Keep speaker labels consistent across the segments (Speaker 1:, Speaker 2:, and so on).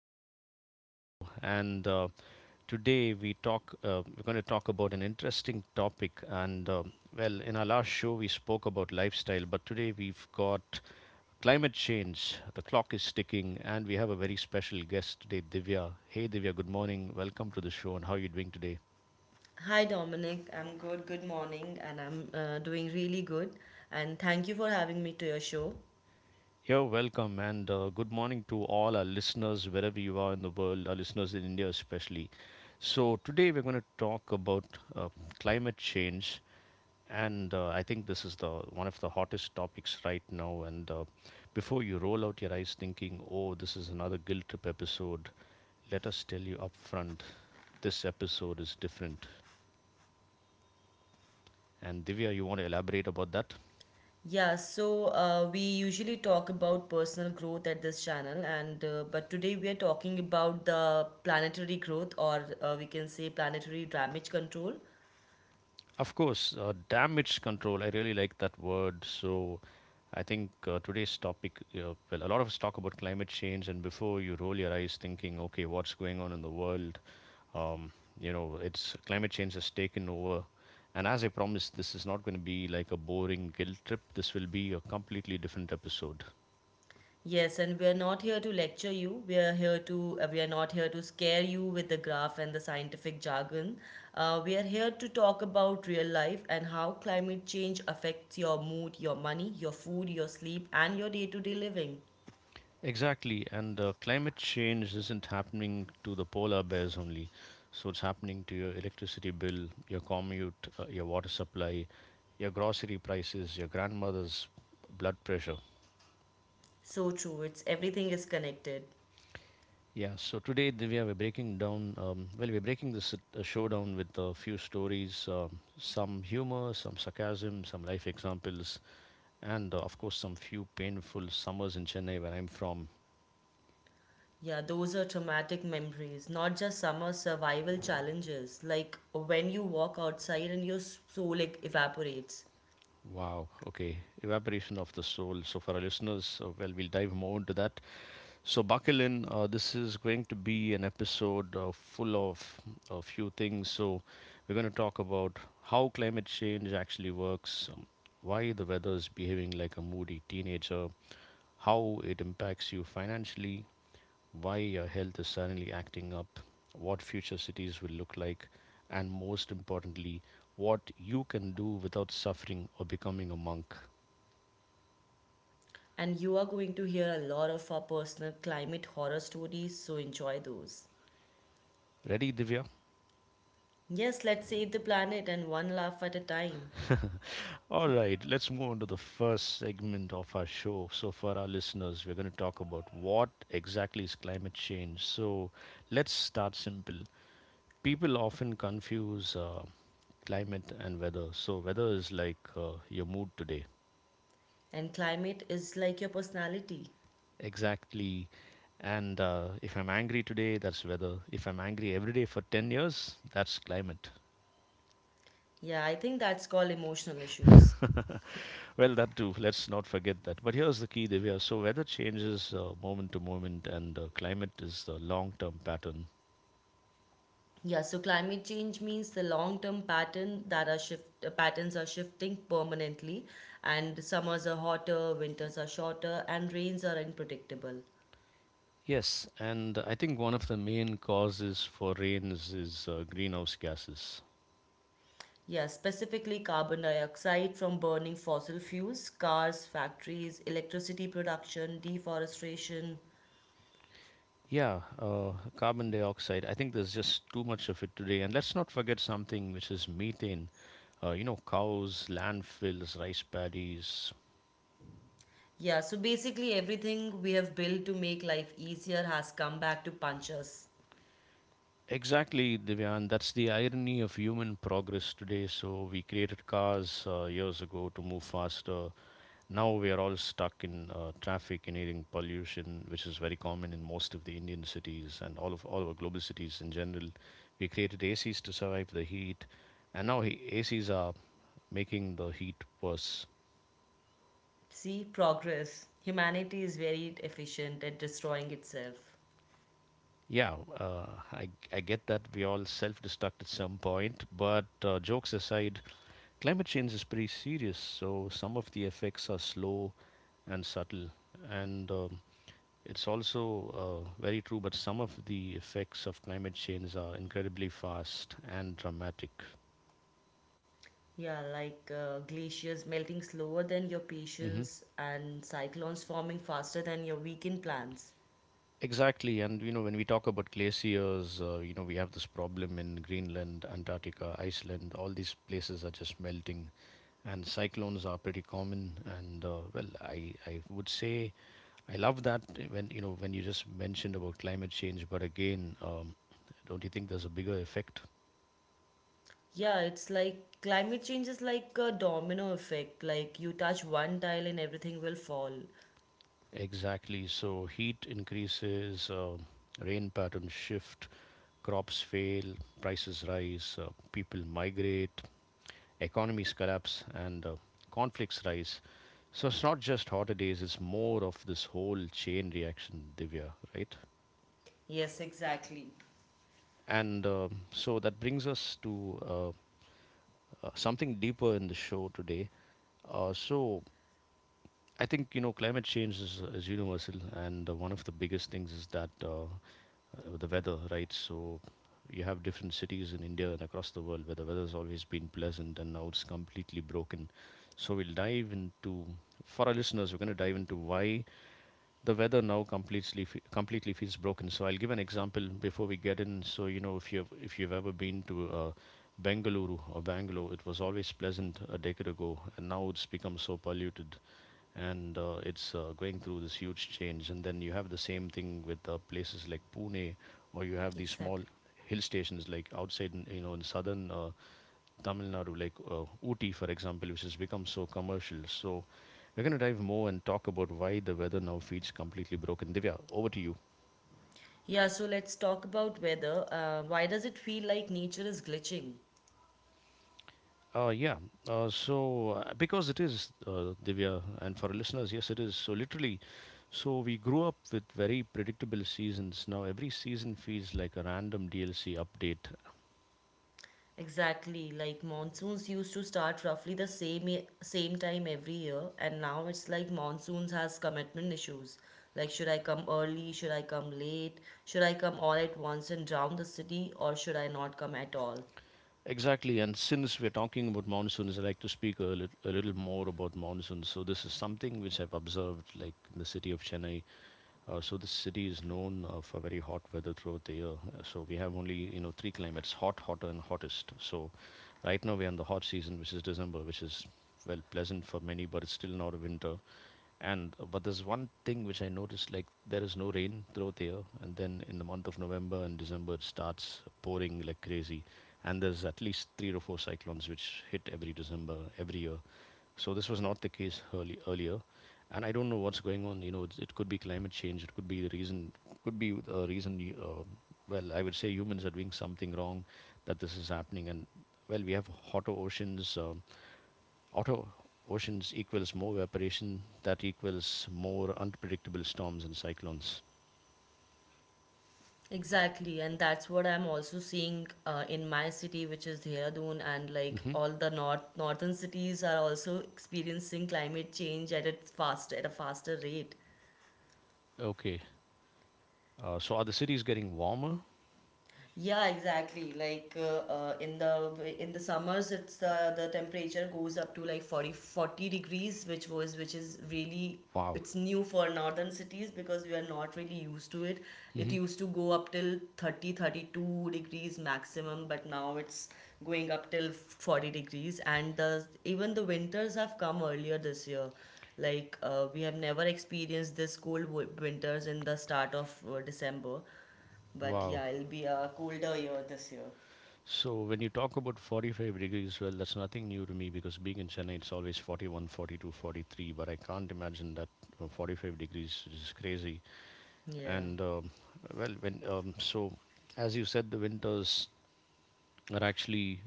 Speaker 1: to the show. And today we talk, We're going to talk about an interesting topic. In our last show we spoke about lifestyle, but today we've got climate change. The clock is ticking, and we have a very special guest today, Divya. Hey, Divya, good morning. Welcome to the show, and how are you doing today?
Speaker 2: Hi Dominic, I'm good. Good morning, and I'm doing really good. And thank you for having me to your show.
Speaker 1: You're welcome, and good morning to all our listeners, wherever you are in the world, our listeners in India especially. So, today we're going to talk about uh, climate change, and I think this is the one of the hottest topics right now. And Before you roll out your eyes thinking, oh, this is another guilt trip episode, let us tell you up front this episode is different. And Divya, you want to elaborate about that?
Speaker 2: Yeah, so we usually talk about personal growth at this channel, and but today we are talking about the planetary growth, or we can say planetary damage control.
Speaker 1: Of course, damage control. I really like that word. So, I think today's topic, well, a lot of us talk about climate change, and before you roll your eyes thinking, okay, what's going on in the world? Um, you know, it's Climate change has taken over. And as I promised, this is not going to be like a boring guilt trip. This will be a completely different episode.
Speaker 2: Yes, and we are not here to lecture you. We are not here to scare you with the graph and the scientific jargon. We are here to talk about real life and how climate change affects your mood, your money, your food, your sleep, and your day-to-day living.
Speaker 1: Exactly, and climate change isn't happening to the polar bears only. So it's happening to your electricity bill, your commute, your water supply, your grocery prices, your grandmother's blood pressure.
Speaker 2: So true. It's everything is connected.
Speaker 1: Yeah, so we are breaking down, well, we're breaking this show down with a few stories, some humor, some sarcasm, some life examples, and of course, some few painful summers in Chennai where I'm from.
Speaker 2: Yeah, those are traumatic memories, not just summer survival challenges. Like when you walk outside and your soul like evaporates.
Speaker 1: Wow. Okay. Evaporation of the soul. So, for our listeners, well, we'll dive more into that. So, buckle in. This is going to be an episode full of a few things. So, we're going to talk about how climate change actually works, why the weather is behaving like a moody teenager, how it impacts you financially, why your health is suddenly acting up, what future cities will look like, and most importantly, what you can do without suffering or becoming a monk.
Speaker 2: And you are going to hear a lot of our personal climate horror stories, so enjoy those.
Speaker 1: Ready, Divya?
Speaker 2: Yes, let's save the planet and one laugh at a time.
Speaker 1: All right, let's move on to the first segment of our show. So, for our listeners, we're going to talk about what exactly is climate change. So, let's start simple. People often confuse climate and weather. So, weather is like your mood today.
Speaker 2: And climate is like your personality.
Speaker 1: Exactly. And if I'm angry today, that's weather. If I'm angry every day for 10 years, that's climate.
Speaker 2: Yeah, I think that's called emotional issues.
Speaker 1: Well, that too. Let's not forget that. But here's the key, Divya. So, weather changes moment to moment, and climate is the long term pattern.
Speaker 2: Yeah, so climate change means the long-term patterns are shifting permanently, and summers are hotter, winters are shorter, and rains are unpredictable.
Speaker 1: Yes, and I think one of the main causes for rains is greenhouse gases.
Speaker 2: Yeah, specifically carbon dioxide from burning fossil fuels, cars, factories, electricity production, deforestation.
Speaker 1: Yeah, carbon dioxide. I think there's just too much of it today. And let's not forget something which is methane. You know, cows, landfills, rice paddies.
Speaker 2: Yeah, so basically everything we have built to make life easier has come back to punch us.
Speaker 1: Exactly, Divya, and that's the irony of human progress today. So we created cars years ago to move faster. Now we are all stuck in traffic and pollution, which is very common in most of the Indian cities and all of our global cities in general. We created ACs to survive the heat, and ACs are making the heat worse.
Speaker 2: See, progress. Humanity is very efficient at destroying itself.
Speaker 1: Yeah, I get that we all self destruct at some point, but jokes aside, climate change is pretty serious, so some of the effects are slow and subtle. And it's also very true, but some of the effects of climate change are incredibly fast and dramatic.
Speaker 2: Yeah, like glaciers melting slower than your
Speaker 1: Hmm.
Speaker 2: patience and cyclones forming faster than your weekend plans.
Speaker 1: Exactly. And, you know, when we talk about glaciers, you know, we have this problem in Greenland, Antarctica, Iceland, all these places are just melting. And cyclones are pretty common. And, well, I would say I love that when you know when you just mentioned about climate change, but again, don't you think there's a bigger effect?
Speaker 2: Yeah, it's like climate change is like a domino effect. Like you touch one tile and everything will fall.
Speaker 1: Exactly. So heat increases, rain patterns shift, crops fail, prices rise, people migrate, economies collapse, and conflicts rise. So it's not just hotter days; it's more of this whole chain reaction, Divya, right?
Speaker 2: Yes, exactly.
Speaker 1: And so that brings us to uh, something deeper in the show today. So I think you know climate change is universal, and one of the biggest things is that the weather, right? So you have different cities in India and across the world where the weather's always been pleasant, and now it's completely broken. So we'll dive into For our listeners, we're going to dive into why the weather now completely feels broken. So I'll give an example before we get in. So you know, if you've ever been to Bengaluru or Bangalore, it was always pleasant a decade ago, and now it's become so polluted, and it's going through this huge change. And then you have the same thing with places like Pune, or you have these small
Speaker 2: Exactly.
Speaker 1: hill stations like outside, in, you know, in southern. Tamil Nadu, like Ooty, for example, which has become so commercial. So we're going to dive more and talk about why the weather now feels completely broken. Divya, over to you.
Speaker 2: Yeah, so let's talk about weather. Why does it feel like nature is glitching?
Speaker 1: Uh, yeah. Because it is Divya, and for our listeners, yes, it is. So literally, so we grew up with very predictable seasons. Now every season feels like a random DLC update.
Speaker 2: Exactly, like monsoons used to start roughly the same same time every year, and now it's like monsoons has commitment issues. Like, should I come early? Should I come late? Should I come all at once and drown the city, or should I not come at all?
Speaker 1: Exactly, and since we're talking about monsoons, I like to speak a little more about monsoons. So this is something which I've observed, like in the city of Chennai. So this city is known for very hot weather throughout the year. So we have only you know three climates: hot, hotter, and hottest. So right now we're in the hot season, which is December, which is well pleasant for many, but it's still not a winter. And but there's one thing which I noticed: like there is no rain throughout the year, and then in the month of November and December it starts pouring like crazy. And there's at least three or four cyclones which hit every December every year. So this was not the case earlier, and I don't know what's going on. You know, it's, it could be climate change. It could be the reason. Could be a reason. Well, I would say humans are doing something wrong that this is happening. And well, we have hotter oceans. Hotter oceans equals more evaporation. That equals more unpredictable storms and cyclones.
Speaker 2: Exactly, and that's what I'm also seeing in my city, which is Dehradun, and like
Speaker 1: Hmm.
Speaker 2: all the northern cities are also experiencing climate change at a faster rate.
Speaker 1: Okay. So are the cities getting warmer?
Speaker 2: Yeah, exactly. Like in the summers, it's the temperature goes up to like 40 40 degrees, which is really
Speaker 1: Wow.
Speaker 2: it's new for northern cities because we are not really used to it. It
Speaker 1: Hmm.
Speaker 2: used to go up till 30 32 degrees maximum, but now it's going up till 40 degrees. And even the winters have come earlier this year. Like we have never experienced this cold winters in the start of December, but
Speaker 1: Wow.
Speaker 2: yeah, it'll be a colder year this year.
Speaker 1: So when you talk about 45 degrees, well, that's nothing new to me because being in Chennai, it's always 41, 42, 43. But I can't imagine that 45 degrees is crazy.
Speaker 2: Yeah.
Speaker 1: And well, when so as you said, the winters are actually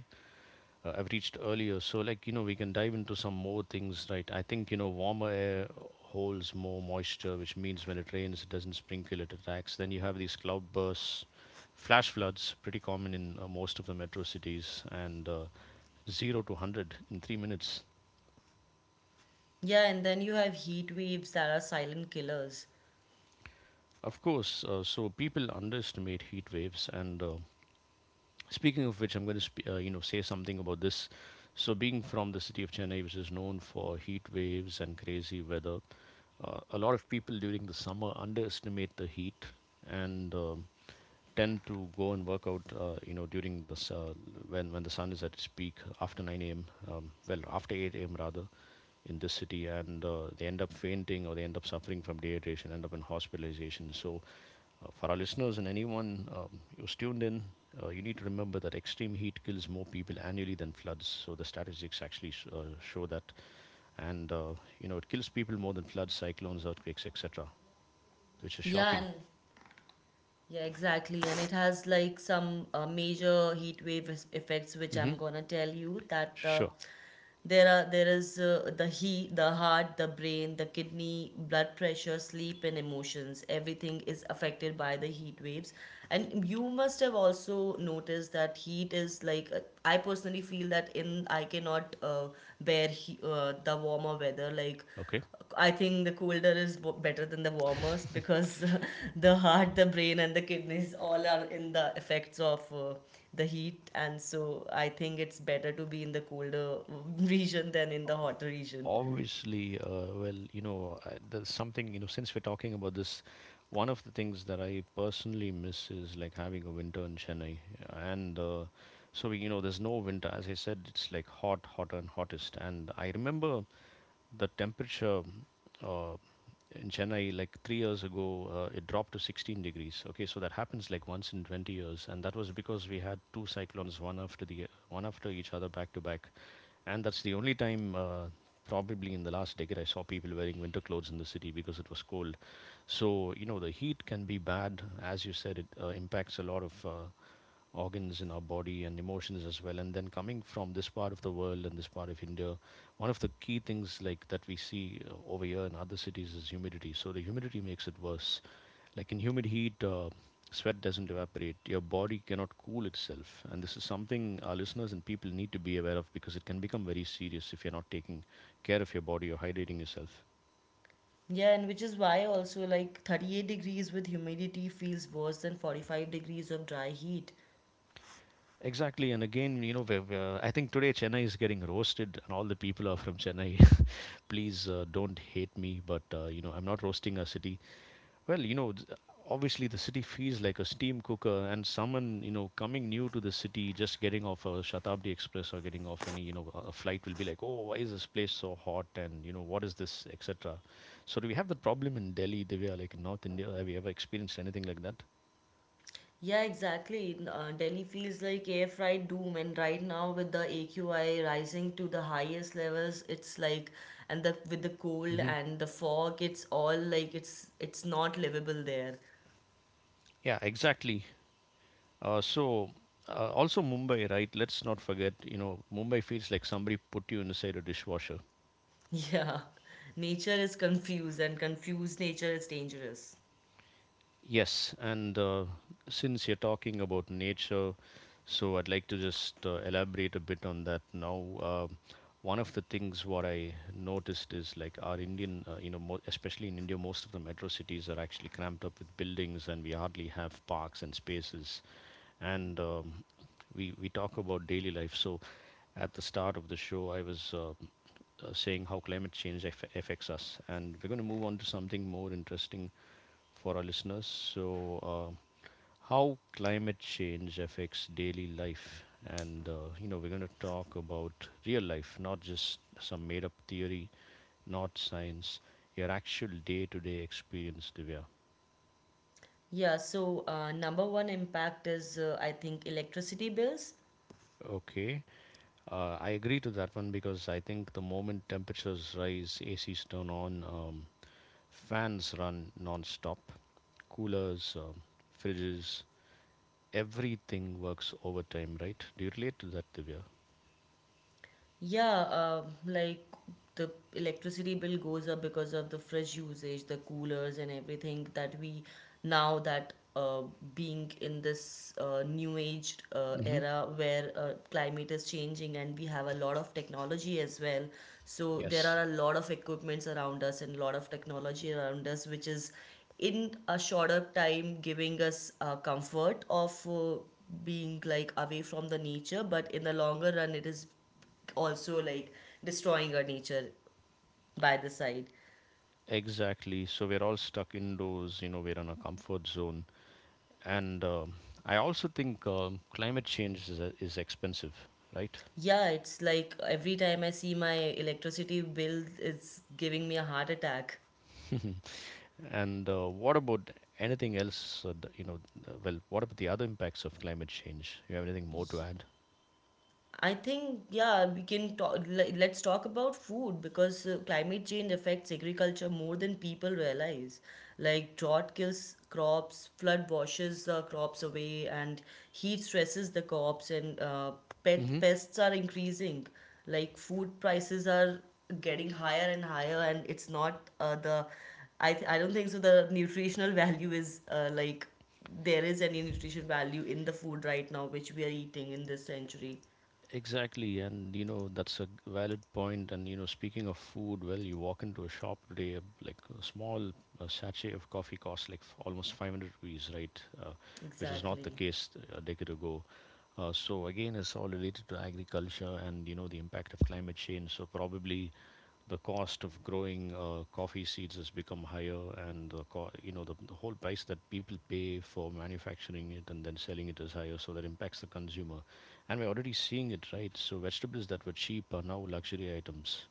Speaker 1: I've reached earlier. So like you know, we can dive into some more things, right? I think you know, warmer air holds more moisture, which means when it rains, it doesn't sprinkle, it attacks. Then you have these cloud bursts flash floods pretty common in most of the metro cities and 0 to 100 in 3 minutes.
Speaker 2: Yeah, and then you have heat waves that are silent killers.
Speaker 1: Of course, so people underestimate heat waves and speaking of which, I'm going to you know say something about this. So, being from the city of Chennai, which is known for heat waves and crazy weather, a lot of people during the summer underestimate the heat and tend to go and work out. You know, during the s- when the sun is at its peak after 9 a.m. Well, after 8 a.m. rather in this city, and they end up fainting or they end up suffering from dehydration, end up in hospitalization. So for our listeners and anyone who's tuned in, you need to remember that extreme heat kills more people annually than floods. So the statistics actually show that, and you know it kills people more than floods, cyclones, earthquakes, etc., which is
Speaker 2: Yeah,
Speaker 1: shocking.
Speaker 2: and Yeah, exactly. And it has like some major heat wave effects, which
Speaker 1: Hmm.
Speaker 2: I'm gonna tell you that
Speaker 1: Sure.
Speaker 2: the heat, the heart, the brain, the kidney, blood pressure, sleep, and emotions. Everything is affected by the heat waves. And you must have also noticed that heat is like I personally feel that in I cannot bear the warmer weather, like
Speaker 1: Okay.
Speaker 2: I think the colder is better than the warmest because the heart, the brain, and the kidneys all are in the effects of the heat. And so I think it's better to be in the colder region than in the hotter region.
Speaker 1: Obviously, well, there's something, you know, since we're talking about this, one of the things that I personally miss is like having a winter in Chennai. And so, you know, there's no winter. As I said, it's like hot, hotter, and hottest. And I remember the temperature uh, in Chennai like 3 years ago, it dropped to 16 degrees. Okay, so that happens like once in 20 years, and that was because we had two cyclones, one after each other, back to back, and that's the only time. Probably in the last decade I saw people wearing winter clothes in the city because it was cold. So you know the heat can be bad. As you said, it impacts a lot of organs in our body and emotions as well. And then coming from this part of the world and this part of India, one of the key things like that we see over here in other cities is humidity. So the humidity makes it worse. Like in humid heat, sweat doesn't evaporate. Your body cannot cool itself, and this is something our listeners and people need to be aware of because it can become very serious if you're not taking care of your body or hydrating yourself.
Speaker 2: Yeah, and which is why also like 38 degrees with humidity feels worse than 45 degrees of dry heat.
Speaker 1: Exactly, and again, you know, I think today Chennai is getting roasted, and all the people are from Chennai. Please don't hate me, but you know, I'm not roasting a city. Well, you know, obviously the city feels like a steam cooker, and someone, you know, coming new to the city, just getting off a Shatabdi Express or getting off any, you know, a flight will be like, oh, why is this place so hot, and you know, what is this, etc. So do we have that problem in Delhi, Divya, like in North India? Have you ever experienced anything like that?
Speaker 2: Yeah, exactly. Delhi feels like air fried doom, and right now with the AQI rising to the highest levels, it's like, and the with the cold
Speaker 1: Hmm.
Speaker 2: and the fog, it's all like it's not livable there.
Speaker 1: Yeah, exactly. Uh, so Also Mumbai, right? Let's not forget, you know, Mumbai feels like somebody put you inside a dishwasher.
Speaker 2: Yeah, nature is confused, and confused nature is dangerous.
Speaker 1: Yes, and since you're talking about nature, so I'd like to just elaborate a bit on that now. One of the things what I noticed is like our Indian, you know, especially in India, most of the metro cities are actually cramped up with buildings, and we hardly have parks and spaces. And we talk about daily life. So at the start of the show, I was saying how climate change affects us. And we're going to move on to something more interesting for our listeners. So, uh, how climate change affects daily life. And, you know, we're going to talk about real life, not just some made up theory, not science, your actual day to day experience, Divya.
Speaker 2: Yeah, so number one impact is I think electricity bills.
Speaker 1: Okay, I agree to that one because I think the moment temperatures rise, ACs turn on, fans run non stop, coolers, fridges, everything works overtime, right? Do you relate to that, Divya?
Speaker 2: Yeah, like the electricity bill goes up because of the fridge usage, the coolers, and everything that we now that being in this new age
Speaker 1: Hmm.
Speaker 2: era where climate is changing, and we have a lot of technology as well. So there
Speaker 1: Yes.
Speaker 2: are a lot of equipments around us and a lot of technology around us, which is in a shorter time giving us comfort of being like away from the nature, but in the longer run, it is also like destroying our nature by the side.
Speaker 1: Exactly. So we're all stuck indoors, you know, we're in a comfort zone. And I also think climate change is expensive, right?
Speaker 2: Yeah, it's like every time I see my electricity bill, it's giving me a heart attack.
Speaker 1: And what about anything else? You know, well, what about the other impacts of climate change? You have anything more to add?
Speaker 2: I think yeah, we can talk. Let's talk about food because climate change affects agriculture more than people realize. Like drought kills crops, flood washes the crops away, and heat stresses the crops, and pet pests are increasing. Like food prices are getting higher and higher, and it's not the. I don't think so. The nutritional value is like, there is any nutrition value in the food right now which we are eating in this century.
Speaker 1: Exactly, and you know that's a valid point. And you know, speaking of food, well, you walk into a shop today, like a small sachet of coffee costs like almost 500 rupees, right? Which was not the
Speaker 2: Exactly.
Speaker 1: case a decade ago. So again, it's all related to agriculture and you know the impact of climate change. So probably the cost of growing coffee seeds has become higher, and the you know the whole price that people pay for manufacturing it and then selling it is higher, so that impacts the consumer, and we're already seeing it, right? So vegetables that were cheap are now luxury items.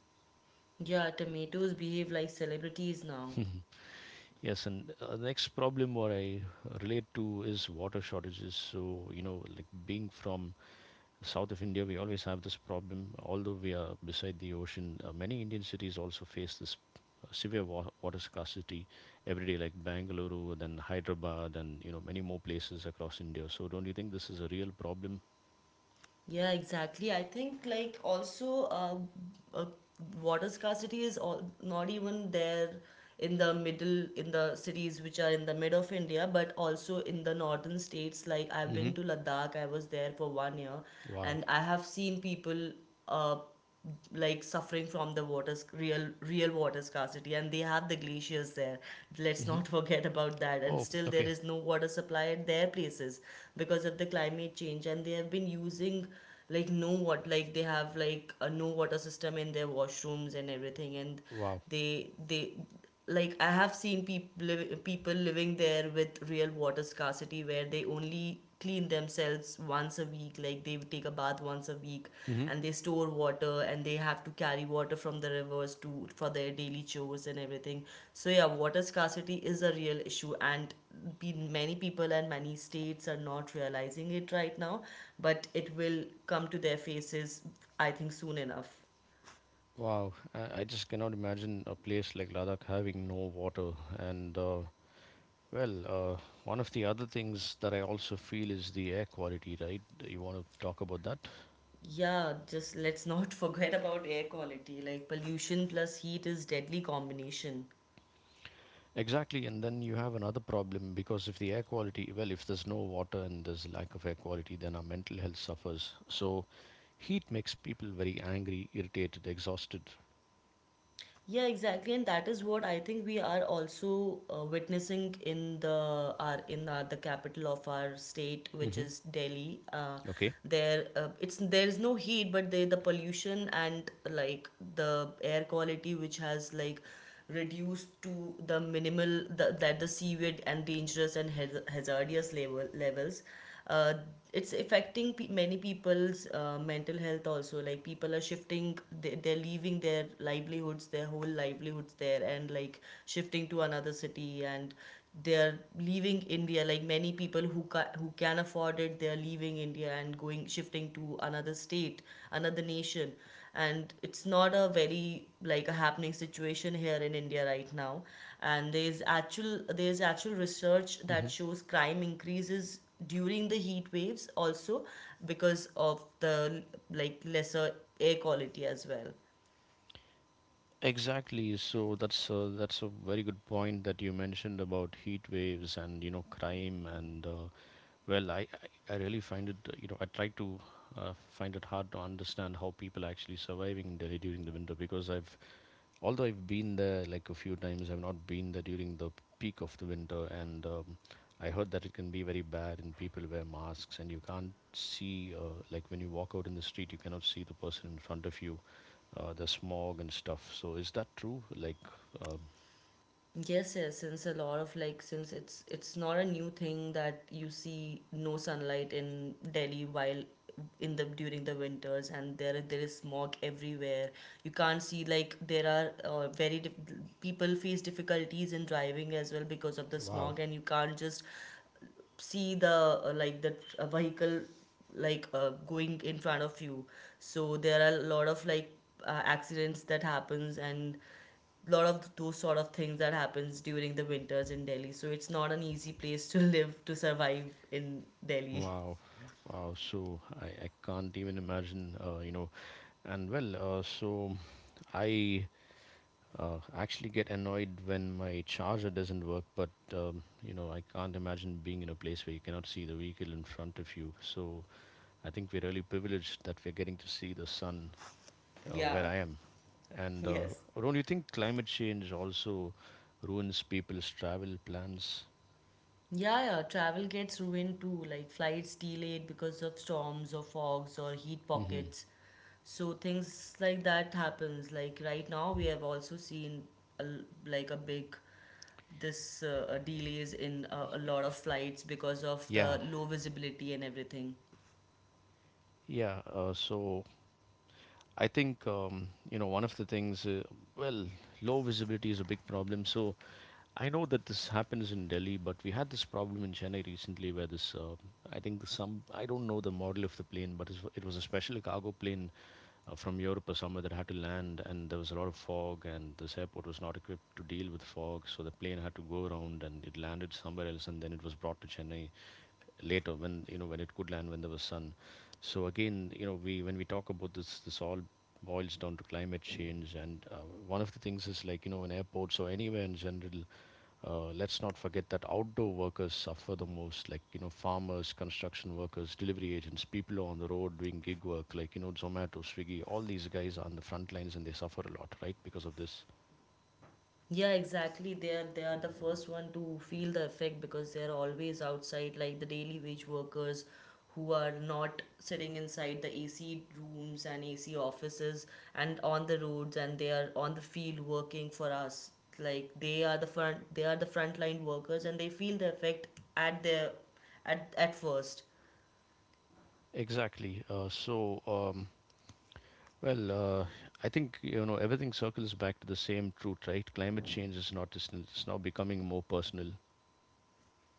Speaker 2: Yeah, tomatoes behave like celebrities now.
Speaker 1: Yes, and the next problem what I relate to is water shortages. So you know, like being from south of India, we always have this problem. Although we are beside the ocean, many Indian cities also face this severe water scarcity every day, like Bangalore, then Hyderabad, and you know many more places across India. So, don't you think this is a real problem?
Speaker 2: Yeah, exactly. I think like also uh, water scarcity is all, not even there in the middle in the cities which are in the mid of India, but also in the northern states. Like I've
Speaker 1: Hmm.
Speaker 2: been to Ladakh, I was there for one year,
Speaker 1: Wow.
Speaker 2: and I have seen people uh, like suffering from the water real water scarcity, and they have the glaciers there, let's
Speaker 1: Hmm.
Speaker 2: not forget about that, and
Speaker 1: Oh,
Speaker 2: still there
Speaker 1: okay.
Speaker 2: is no water supply at their places because of the climate change, and they have been using like, no what, like they have like a no water system in their washrooms and everything. And
Speaker 1: Wow.
Speaker 2: they like, I have seen people people living there with real water scarcity, where they only clean themselves once a week, like they take a bath once a week,
Speaker 1: Hmm.
Speaker 2: and they store water, and they have to carry water from the rivers to for their daily chores and everything. So yeah, water scarcity is a real issue, and many people and many states are not realizing it right now, but it will come to their faces, I think, soon enough.
Speaker 1: Wow. I just cannot imagine a place like Ladakh having no water. And, well, one of the other things that I also feel is the air quality, right? You want to talk about that?
Speaker 2: Yeah, just let's not forget about air quality. Like, pollution plus heat is deadly combination.
Speaker 1: Exactly, and then you have another problem because if the air quality, well, if there's no water and there's lack of air quality, then our mental health suffers. So, heat makes people very angry, irritated, exhausted.
Speaker 2: Yeah, exactly, and that is what I think we are also witnessing in the our in our, the capital of our state, which
Speaker 1: Hmm.
Speaker 2: is Delhi. Uh,
Speaker 1: Okay.
Speaker 2: there, uh, it's there is no heat, but the pollution and like the air quality, which has like reduced to the minimal, that the seaweed and dangerous and hazardous levels, uh, it's affecting many people's mental health also. Like, people are shifting, they're leaving their whole livelihoods there, and like shifting to another city, and they're leaving India, like many people who who can afford it, they're leaving India and going shifting to another state, another nation. And it's not a very like a happening situation here in India right now. And there's actual research
Speaker 1: Hmm.
Speaker 2: that shows crime increases during the heat waves also, because of the like lesser air quality as well.
Speaker 1: Exactly. So that's that's a very good point that you mentioned about heat waves and you know crime and well, I really find it you know, I try to find it hard to understand how people are actually surviving in Delhi during the winter because I've, although I've been there like a few times, I've not been there during the peak of the winter, and I heard that it can be very bad, and people wear masks, and you can't see like when you walk out in the street, you cannot see the person in front of you, the smog and stuff. So is that true? Like, um,
Speaker 2: Yes, yes, since a lot of like since it's not a new thing that you see no sunlight in Delhi while in the during the winters, and there is smog everywhere. You can't see, like, there are very dif- people face difficulties in driving as well because of the
Speaker 1: wow,
Speaker 2: smog, and you can't just see the vehicle, like, going in front of you. So there are a lot of like accidents that happens, and lot of those sort of things that happens during the winters in Delhi. So it's not an easy place to live, to survive in Delhi.
Speaker 1: wow. Wow, so I can't even imagine, you know. And well, so I I actually get annoyed when my charger doesn't work, but you know, I can't imagine being in a place where you cannot see the vehicle in front of you. So I think we're really privileged that we're getting to see the sun where
Speaker 2: Yeah.
Speaker 1: I am. And
Speaker 2: Yes.
Speaker 1: don't you think climate change also ruins people's travel plans?
Speaker 2: Yeah, yeah, travel gets ruined too, like flights delayed because of storms or fogs or heat
Speaker 1: Hmm.
Speaker 2: pockets. So things like that happens. Like right now, we have also seen a, l- like a big, this delays in a lot of flights because of the
Speaker 1: Yeah,
Speaker 2: low visibility and everything.
Speaker 1: yeah. I think you know, one of the things well, low visibility is a big problem. So I know that this happens in Delhi, but we had this problem in Chennai recently where this, I think the some, I don't know the model of the plane, but it was a special cargo plane from Europe or somewhere that had to land, and there was a lot of fog, and this airport was not equipped to deal with fog, so the plane had to go around, and it landed somewhere else, and then it was brought to Chennai later when you know when it could land when there was sun. So again, you know, we when we talk about this, this all boils down to climate change, and one of the things is like you know in airports or anywhere in general, let's not forget that outdoor workers suffer the most, like you know, farmers, construction workers, delivery agents, people who are on the road doing gig work, like you know, Zomato, Swiggy. All these guys are on the front lines and they suffer a lot, right, because of this.
Speaker 2: Yeah, exactly. They are the first one to feel the effect because they are always outside, like the daily wage workers who are not sitting inside the AC rooms and AC offices and on the roads, and they are on the field working for us. Like they are the frontline workers, and they feel the effect at their at first.
Speaker 1: Exactly. Well, uh, I think you know everything circles back to the same truth, right? Climate change is not distant; it's now becoming more personal.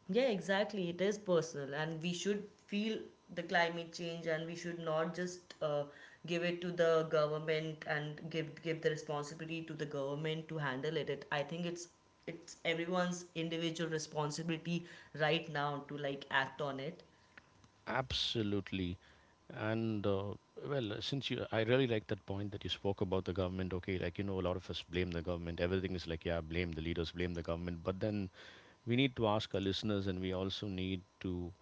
Speaker 2: Yeah, exactly. It is personal, and we should feel the climate change, and we should not just give it to the government and give the responsibility to the government to handle it. I think it's everyone's individual responsibility right now to like act on it.
Speaker 1: Absolutely. And well, since you, I really like that point that you spoke about the government. Okay, like, you know, a lot of us blame the government. Everything is like, yeah, blame the leaders, blame the government. But then we need to ask our listeners and we also need to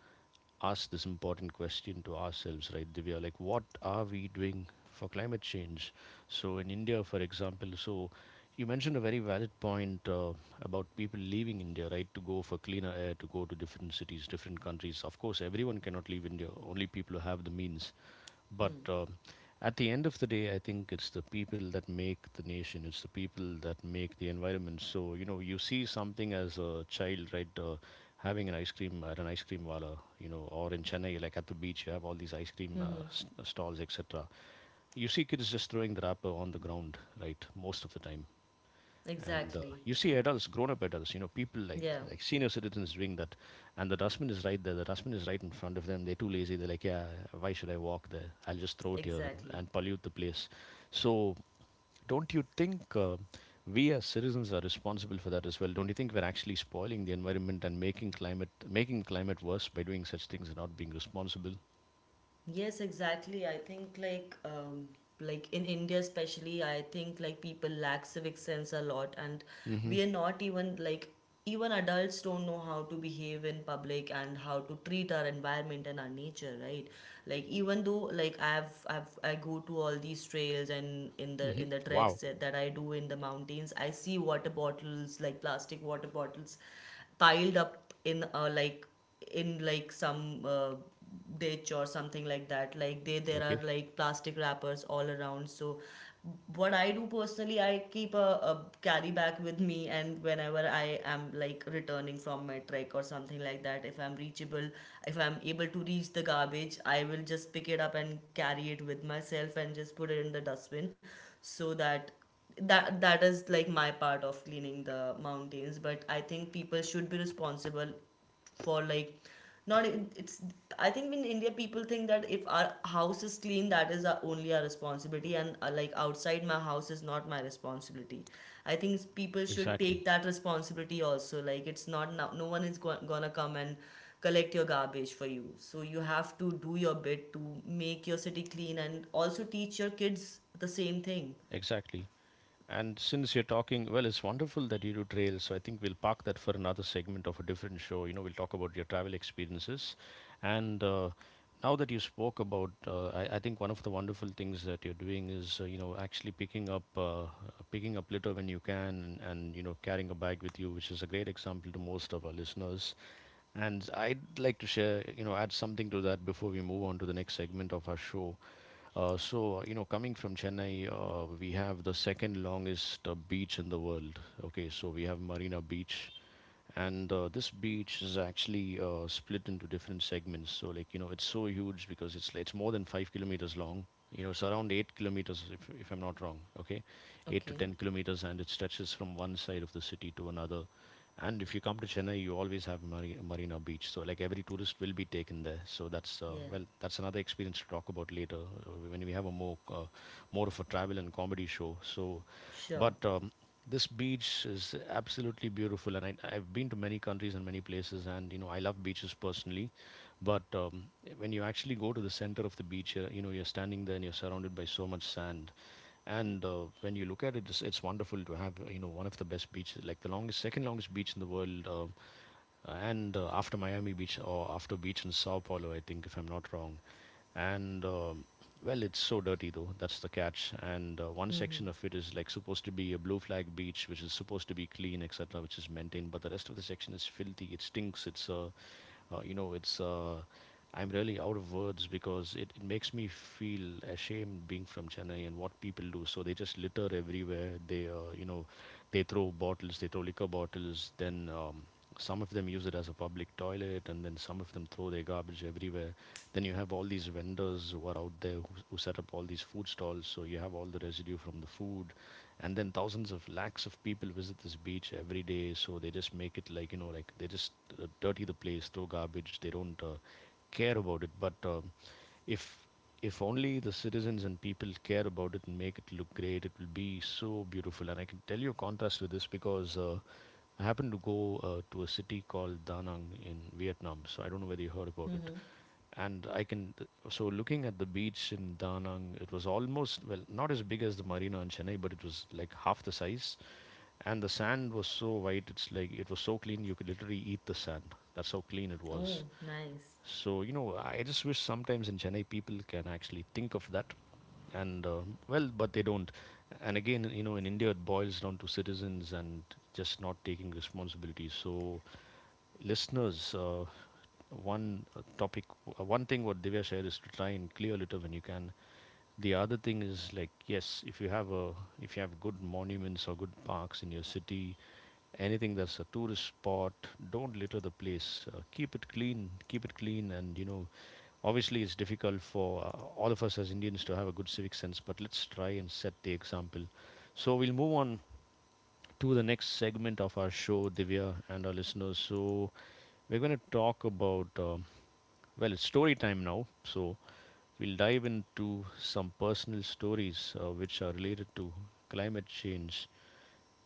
Speaker 1: ask this important question to ourselves, right, Divya? Like, what are we doing for climate change? So, in India, for example, so you mentioned a very valid point about people leaving India, right, to go for cleaner air, to go to different cities, different countries. Of course, everyone cannot leave India, only people who have the means. But um, at the end of the day, I think it's the people that make the nation, it's the people that make the environment. So, you know, you see something as a child, right, having an ice cream at an ice cream wala, you know, or in Chennai, like at the beach, you have all these ice cream stalls, etc. You see kids just throwing the wrapper on the ground, right, most of the time. And
Speaker 2: Exactly.
Speaker 1: you see adults, grown-up adults, you know, people like
Speaker 2: Yeah.
Speaker 1: like senior citizens doing that, and the dustbin is right there. The dustbin is right in front of them. They're too lazy. They're like, yeah, why should I walk there? I'll just throw it here
Speaker 2: Exactly.
Speaker 1: and pollute the place. So, don't you think we as citizens are responsible for that as well? Don't you think we're actually spoiling the environment and making climate worse by doing such things and not being responsible?
Speaker 2: Yes, exactly. I think like in India especially, I think like people lack civic sense a lot, and
Speaker 1: Mm-hmm.
Speaker 2: we are not even like even adults don't know how to behave in public and how to treat our environment and our nature, right? Like even though like I go to all these trails and in the
Speaker 1: Mm-hmm.
Speaker 2: in the treks
Speaker 1: Wow.
Speaker 2: that I do in the mountains, I see water bottles like plastic water bottles piled up in like in like some ditch or something like that like they There
Speaker 1: Okay.
Speaker 2: are like plastic wrappers all around. So what I do personally, I keep a carry bag with me, and whenever I am like returning from my trek or something like that, if I'm able to reach the garbage, I will just pick it up and carry it with myself and just put it in the dustbin, so that that is like my part of cleaning the mountains. But I think people should be responsible for not e, it's I think in India people think that if our house is clean, that is only our responsibility, and like outside my house is not my responsibility. I think people should
Speaker 1: Exactly.
Speaker 2: take that responsibility also. Like it's not now no one is gonna come and collect your garbage for you, so you have to do your bit to make your city clean and also teach your kids the same thing.
Speaker 1: Exactly. And since you're talking, well, it's wonderful that you do trails. So I think we'll park that for another segment of a different show. You know, we'll talk about your travel experiences. And Now that you spoke about, I think one of the wonderful things that you're doing is, actually picking up litter when you can, carrying a bag with you, which is a great example to most of our listeners. And I'd like to share, add something to that before we move on to the next segment of our show. Coming from Chennai, we have the second longest beach in the world. Okay, so we have Marina Beach, and this beach is actually split into different segments. So like, you know, it's so huge because it's more than 5 kilometers long. You know, it's around 8 kilometers, if I'm not wrong. Okay, eight to
Speaker 2: Okay.
Speaker 1: ten kilometers and it stretches from one side of the city to another. And if you come to Chennai, you always have Marina Beach, so like every tourist will be taken there. So that's
Speaker 2: Yeah.
Speaker 1: well, that's another experience to talk about later, when we have a more more of a travel and comedy show. So
Speaker 2: Sure.
Speaker 1: but this beach is absolutely beautiful, and I've been to many countries and many places, and you know, I love beaches personally. But when you actually go to the center of the beach, you know, you're standing there and you're surrounded by so much sand. And when you look at it, it's wonderful to have, you know, one of the best beaches, like the longest, second longest beach in the world. And After Miami Beach or after beach in Sao Paulo, I think, if I'm not wrong. And Well, it's so dirty though. That's the catch. And one section of it is like supposed to be a blue flag beach, which is supposed to be clean, etc., which is maintained. But the rest of the section is filthy. It stinks. It's a you know, it's I'm really out of words because it makes me feel ashamed being from Chennai and what people do. So they just litter everywhere. They they throw bottles, they throw liquor bottles. Then some of them use it as a public toilet, and then some of them throw their garbage everywhere. Then you have all these vendors who are out there who set up all these food stalls. So you have all the residue from the food, and then thousands of lakhs of people visit this beach every day. So they just make it like, you know, like they just dirty the place, throw garbage. They don't care about it. But if if only the citizens and people care about it and make it look great, it will be so beautiful. And I can tell you a contrast with this because I happened to go to a city called Da Nang in Vietnam. So I don't know whether you heard about it.
Speaker 2: Mm-hmm.
Speaker 1: And I can So looking at the beach in Da Nang, it was almost, well, not as big as the marina in Chennai, but it was like half the size, and the sand was so white. It's like it was so clean you could literally eat the sand. That's how clean it
Speaker 2: Oh,
Speaker 1: was.
Speaker 2: nice.
Speaker 1: So you know, I just wish sometimes in Chennai people can actually think of that, and well, but they don't. And again, you know, in India it boils down to citizens and just not taking responsibility. So listeners, one uh, topic one thing what Divya said is to try and clear litter when you can. The other thing is like, yes, if you have a if you have good monuments or good parks in your city, anything that's a tourist spot, don't litter the place. Keep it clean, keep it clean. And you know, obviously it's difficult for all of us as Indians to have a good civic sense, but let's try and set the example. So we'll move on to the next segment of our show, Divya, and our listeners. So we're going to talk about well, it's story time now, so we'll dive into some personal stories which are related to climate change.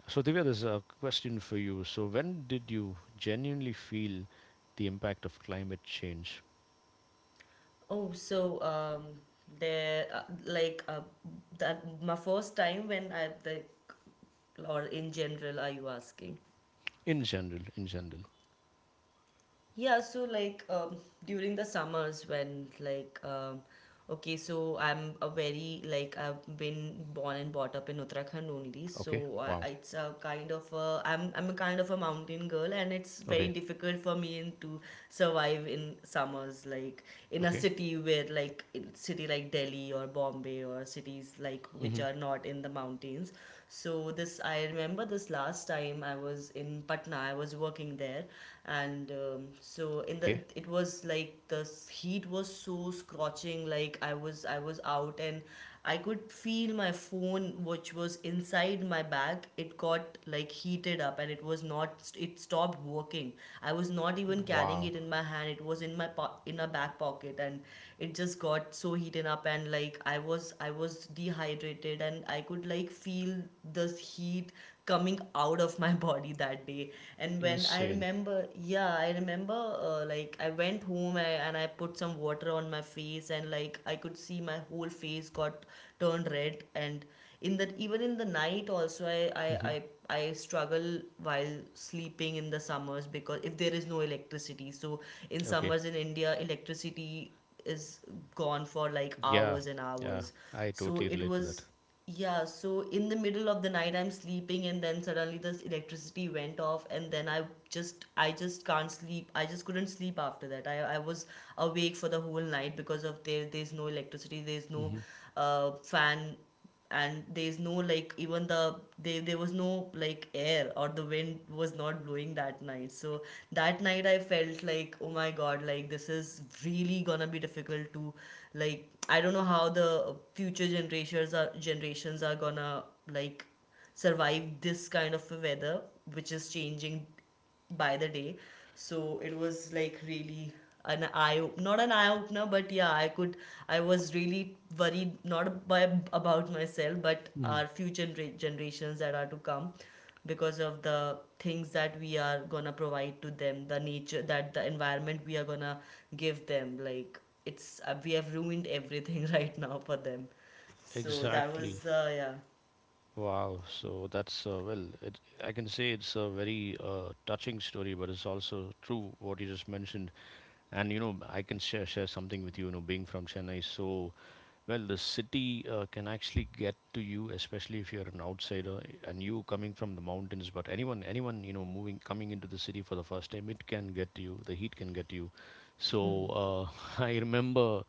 Speaker 1: So, Divya, there's a question for you. So, when did you genuinely feel the impact of climate change
Speaker 2: Oh, so um, there, that my first time when or in general, are you asking?
Speaker 1: in general? In general,
Speaker 2: Yeah, so like um, During the summers when okay, so I'm a very like I've been born and brought up in Uttarakhand only,
Speaker 1: okay,
Speaker 2: so
Speaker 1: wow,
Speaker 2: it's a kind of a I'm a kind of a mountain girl, and it's very
Speaker 1: okay,
Speaker 2: difficult for me to survive in summers like in a
Speaker 1: okay,
Speaker 2: city where like in city like Delhi or Bombay or cities like which
Speaker 1: mm-hmm.
Speaker 2: are not in the mountains. So this I remember this last time I was in Patna. I was working there, and so in the
Speaker 1: Okay,
Speaker 2: it was like the heat was so scorching. Like I was out, and I could feel my phone, which was inside my bag, it got like heated up, and it was not, it stopped working. I was not even carrying
Speaker 1: wow,
Speaker 2: it in my hand. It was in my in a back pocket, and it just got so heated up. And like I was dehydrated, and I could like feel this heat coming out of my body that day. And when I
Speaker 1: insane.
Speaker 2: remember yeah I remember like I went home and I put some water on my face, and like I could see my whole face got turned red. And in the even in the night also, I,
Speaker 1: Mm-hmm.
Speaker 2: I i i struggle while sleeping in the summers because if there is no electricity. So in
Speaker 1: Okay,
Speaker 2: summers in India electricity is gone for like
Speaker 1: yeah,
Speaker 2: hours and
Speaker 1: yeah,
Speaker 2: hours.
Speaker 1: I
Speaker 2: So
Speaker 1: totally
Speaker 2: it
Speaker 1: relate to
Speaker 2: was
Speaker 1: that.
Speaker 2: yeah, so in the middle of the night I'm sleeping, and then suddenly this electricity went off, and then I just can't sleep. I just couldn't sleep after that. I was awake for the whole night because of there's no electricity, there's no
Speaker 1: Mm-hmm.
Speaker 2: fan, and there's no like even there was no like air, or the wind was not doing that night. So that night I felt like, oh my god, like this is really gonna be difficult to like I don't know how the future generations are gonna like survive this kind of a weather which is changing by the day. So it was like really an not an eye opener, but yeah, I was really worried not about myself, but
Speaker 1: Mm-hmm.
Speaker 2: our future generations that are to come because of the things that we are gonna provide to them, the nature that the environment we are gonna give them. Like it's, we have ruined everything right now for them. So that
Speaker 1: Exactly.
Speaker 2: was, yeah,
Speaker 1: Wow, so that's well, it, I can say it's a very touching story, but it's also true what you just mentioned. And you know, I can share something with you. You know, being from Chennai, so well, the city can actually get to you, especially if you're an outsider and you coming from the mountains. But anyone, you know, moving coming into the city for the first time, it can get to you. The heat can get to you. So uh, I remember.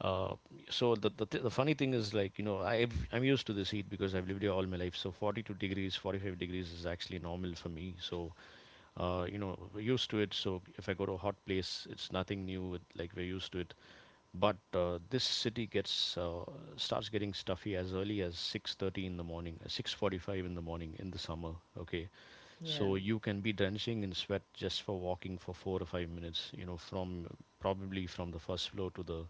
Speaker 1: Uh, so the funny thing is like, you know, I'm used to this heat because I've lived here all my life. So 42 degrees, 45 degrees is actually normal for me. So you know, we're used to it. So if I go to a hot place it's nothing new. Like we're used to it. But this city gets starts getting stuffy as early as 6:30 in the morning, 6:45 in the morning in the summer. Okay,
Speaker 2: yeah,
Speaker 1: so you can be drenching in sweat just for walking for 4 or 5 minutes, you know, from probably from the first floor to the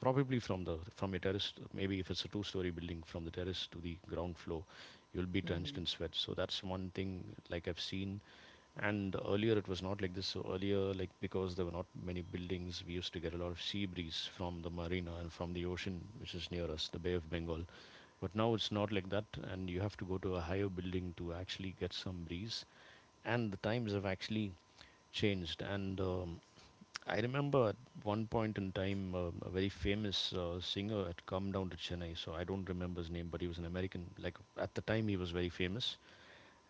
Speaker 1: probably from the from your terrace maybe if it's a two-story building, from the terrace to the ground floor, you'll be drenched in sweat. So that's one thing like I've seen. And earlier it was not like this. So earlier, like, because there were not many buildings, we used to get a lot of sea breeze from the marina and from the ocean, which is near us, the Bay of Bengal. But now it's not like that, and you have to go to a higher building to actually get some breeze. And the times have actually changed. And I remember at one point in time, a very famous singer had come down to Chennai. So I don't remember his name, but he was an American. Like at the time, he was very famous,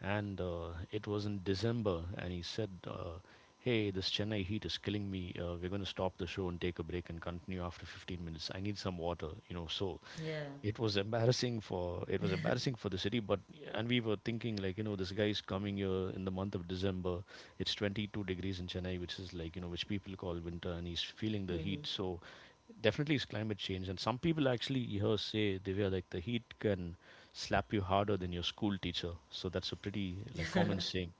Speaker 1: and it was in December, and he said, "Hey, this Chennai heat is killing me. We're going to stop the show and take a break and continue after 15 minutes. I need some water, you know." So
Speaker 2: yeah.
Speaker 1: it was embarrassing for the city. But and we were thinking like, you know, this guy is coming here in the month of December, it's 22 degrees in Chennai, which is like, you know, which people call winter, and he's feeling the heat. So definitely it's climate change. And some people actually here say, Divya, like the heat can slap you harder than your school teacher. So that's a pretty like common saying.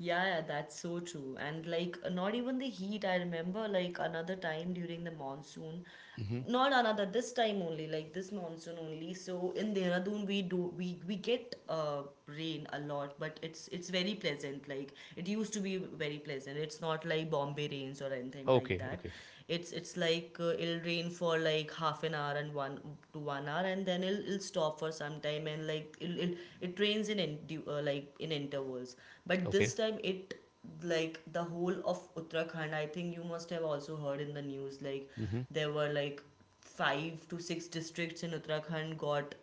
Speaker 2: Yeah, yeah, that's so true. And like not even the heat, I remember like another time during the monsoon.
Speaker 1: Hmm,
Speaker 2: Not another this time only, like this monsoon only. So in Dehradun we do we get rain a lot, but it's very pleasant. Like it used to be very pleasant. It's not like Bombay rains or anything like
Speaker 1: okay,
Speaker 2: that.
Speaker 1: okay,
Speaker 2: It's like it'll rain for like half an hour and 1 to 1 hour, and then it'll stop for some time. And like it rains in, like in intervals. But
Speaker 1: okay,
Speaker 2: this time it like the whole of Uttarakhand, I think you must have also heard in the news, like
Speaker 1: hmm,
Speaker 2: there were like five to six districts in Uttarakhand got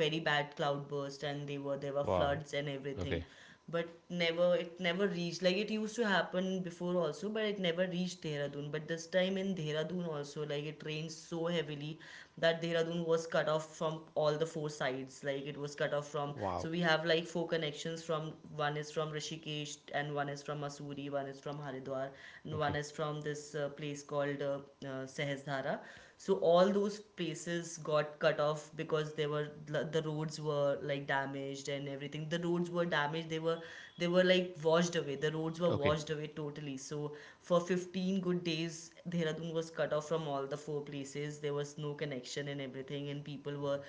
Speaker 2: very bad cloudburst, and they were there were
Speaker 1: wow,
Speaker 2: floods and everything.
Speaker 1: okay.
Speaker 2: But never it never reached like it used to happen before also, but it never reached Dehradun. But this time in Dehradun also, like it rained so heavily that Dehradun was cut off from all the four sides. Like it was cut off from
Speaker 1: Wow.
Speaker 2: so we have like four connections from one is from Rishikesh, and one is from Mussoorie, one is from Haridwar, and one
Speaker 1: Okay,
Speaker 2: is from this place called Sahasdara. So all those places got cut off because they were the roads were like damaged and everything. The roads were damaged, they were like washed away. The roads were washed away totally. So for 15 good days Dehradun was cut off from all the four places. There was no connection and everything, and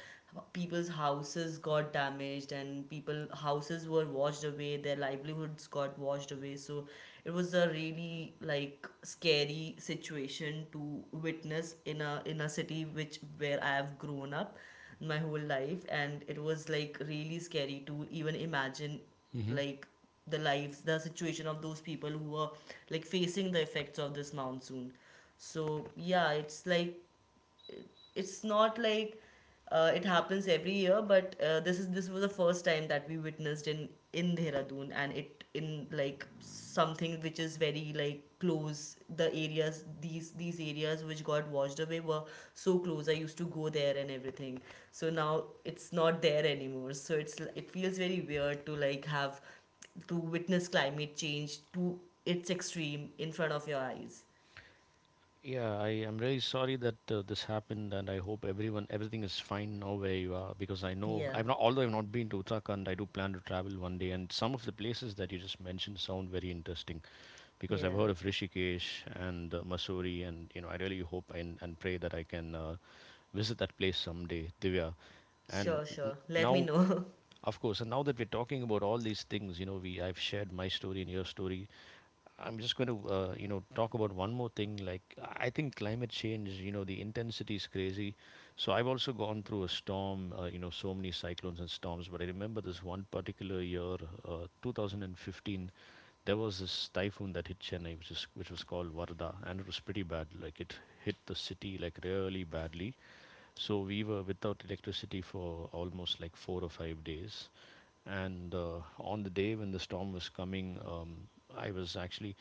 Speaker 2: people's houses got damaged, and people houses were washed away, their livelihoods got washed away. So it was a really like scary situation to witness in a city which where I have grown up my whole life, and it was like really scary to even imagine
Speaker 1: okay.
Speaker 2: like the situation of those people who are like facing the effects of this monsoon. So yeah, it's like it's not like it happens every year, but this is this was the first time that we witnessed in Dehradun, and it in like something which is very like close. The areas these areas which got washed away were so close. I used to go there and everything. So now it's not there anymore. So it's it feels very weird to like have to witness climate change to its extreme in front of your eyes.
Speaker 1: Yeah, I am really sorry that this happened, and I hope everyone everything is fine now where you are. Because I know
Speaker 2: Yeah,
Speaker 1: I've not, although I've not been to Uttarakhand, I do plan to travel one day, and some of the places that you just mentioned sound very interesting. Because I've
Speaker 2: yeah.
Speaker 1: heard of Rishikesh and Mussoorie, and you know, I really hope and pray that I can visit that place someday, Divya.
Speaker 2: Sure, sure. Let me
Speaker 1: Now,
Speaker 2: know.
Speaker 1: of course, and now that we're talking about all these things, you know, we I've shared my story and your story. I'm just going to, talk about one more thing. Like, I think climate change, you know, the intensity is crazy. So I've also gone through a storm, you know, so many cyclones and storms. But I remember this one particular year, 2015 there was this typhoon that hit Chennai, which was called Varda, and it was pretty bad. Like it hit the city like really badly. So we were without electricity for almost like 4 or 5 days. And on the day when the storm was coming, I was actually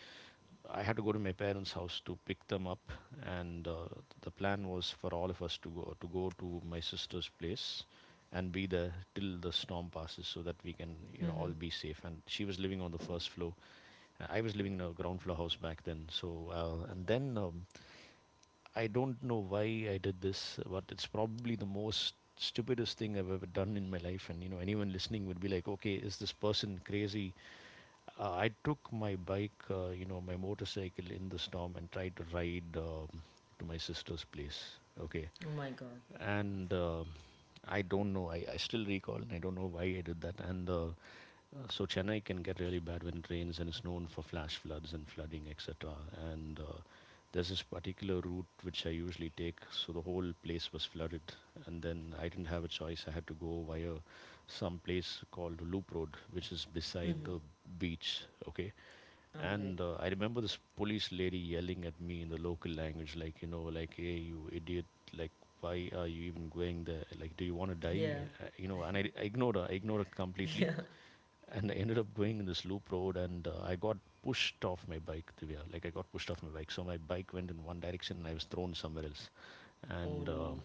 Speaker 1: I had to go to my parents' house to pick them up, and the plan was for all of us to go to my sister's place and be there till the storm passes, so that we can,
Speaker 2: Mm-hmm.
Speaker 1: you know, all be safe. And she was living on the first floor, I was living in a ground floor house back then. So, and then I don't know why I did this, but it's probably the most stupidest thing I've ever done in my life. And anyone listening would be like, "Okay, is this person crazy?" I took my bike, my motorcycle in the storm and tried to ride to my sister's place. Okay,
Speaker 2: Oh my god.
Speaker 1: and. I don't know. I still recall, and I don't know why I did that. And So Chennai can get really bad when it rains and it's known for flash floods and flooding, etc. And there's this particular route which I usually take, so the whole place was flooded, and then I didn't have a choice. I had to go via some place called Loop Road, which is beside
Speaker 2: Mm-hmm.
Speaker 1: the beach. Okay,
Speaker 2: All right.
Speaker 1: and I remember this police lady yelling at me in the local language, like, like, hey, you idiot, like, why are you even going there? Like, do you want to
Speaker 2: Yeah.
Speaker 1: die? And I ignored her. I ignored her completely
Speaker 2: Yeah.
Speaker 1: and I ended up going in this loop road, and I got pushed off my bike, Divya. Like, I got pushed off my bike, so my bike went in one direction, and I was thrown somewhere else.
Speaker 2: Oh
Speaker 1: And uh,
Speaker 2: no.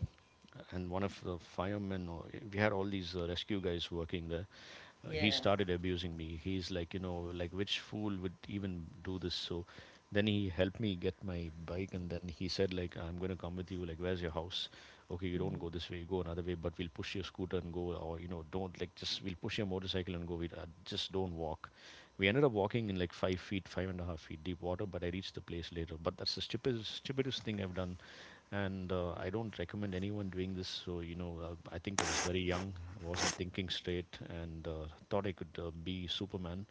Speaker 1: and one of the firemen, we had all these rescue guys working there. He
Speaker 2: Yeah.
Speaker 1: started abusing me. He's like, like, which fool would even do this? So then he helped me get my bike, and then he said, like, I'm going to come with you, like, where's your house? Okay, you don't go this way, you go another way, but we'll push your scooter and go. Or, don't, like, just, we'll push your motorcycle and go. We just don't walk. We ended up walking in like 5 feet, 5.5 feet deep water, but I reached the place later. But that's the stupidest stupidest thing I've done. And I don't recommend anyone doing this. So, I think I was very young. I wasn't thinking straight, and thought I could be Superman.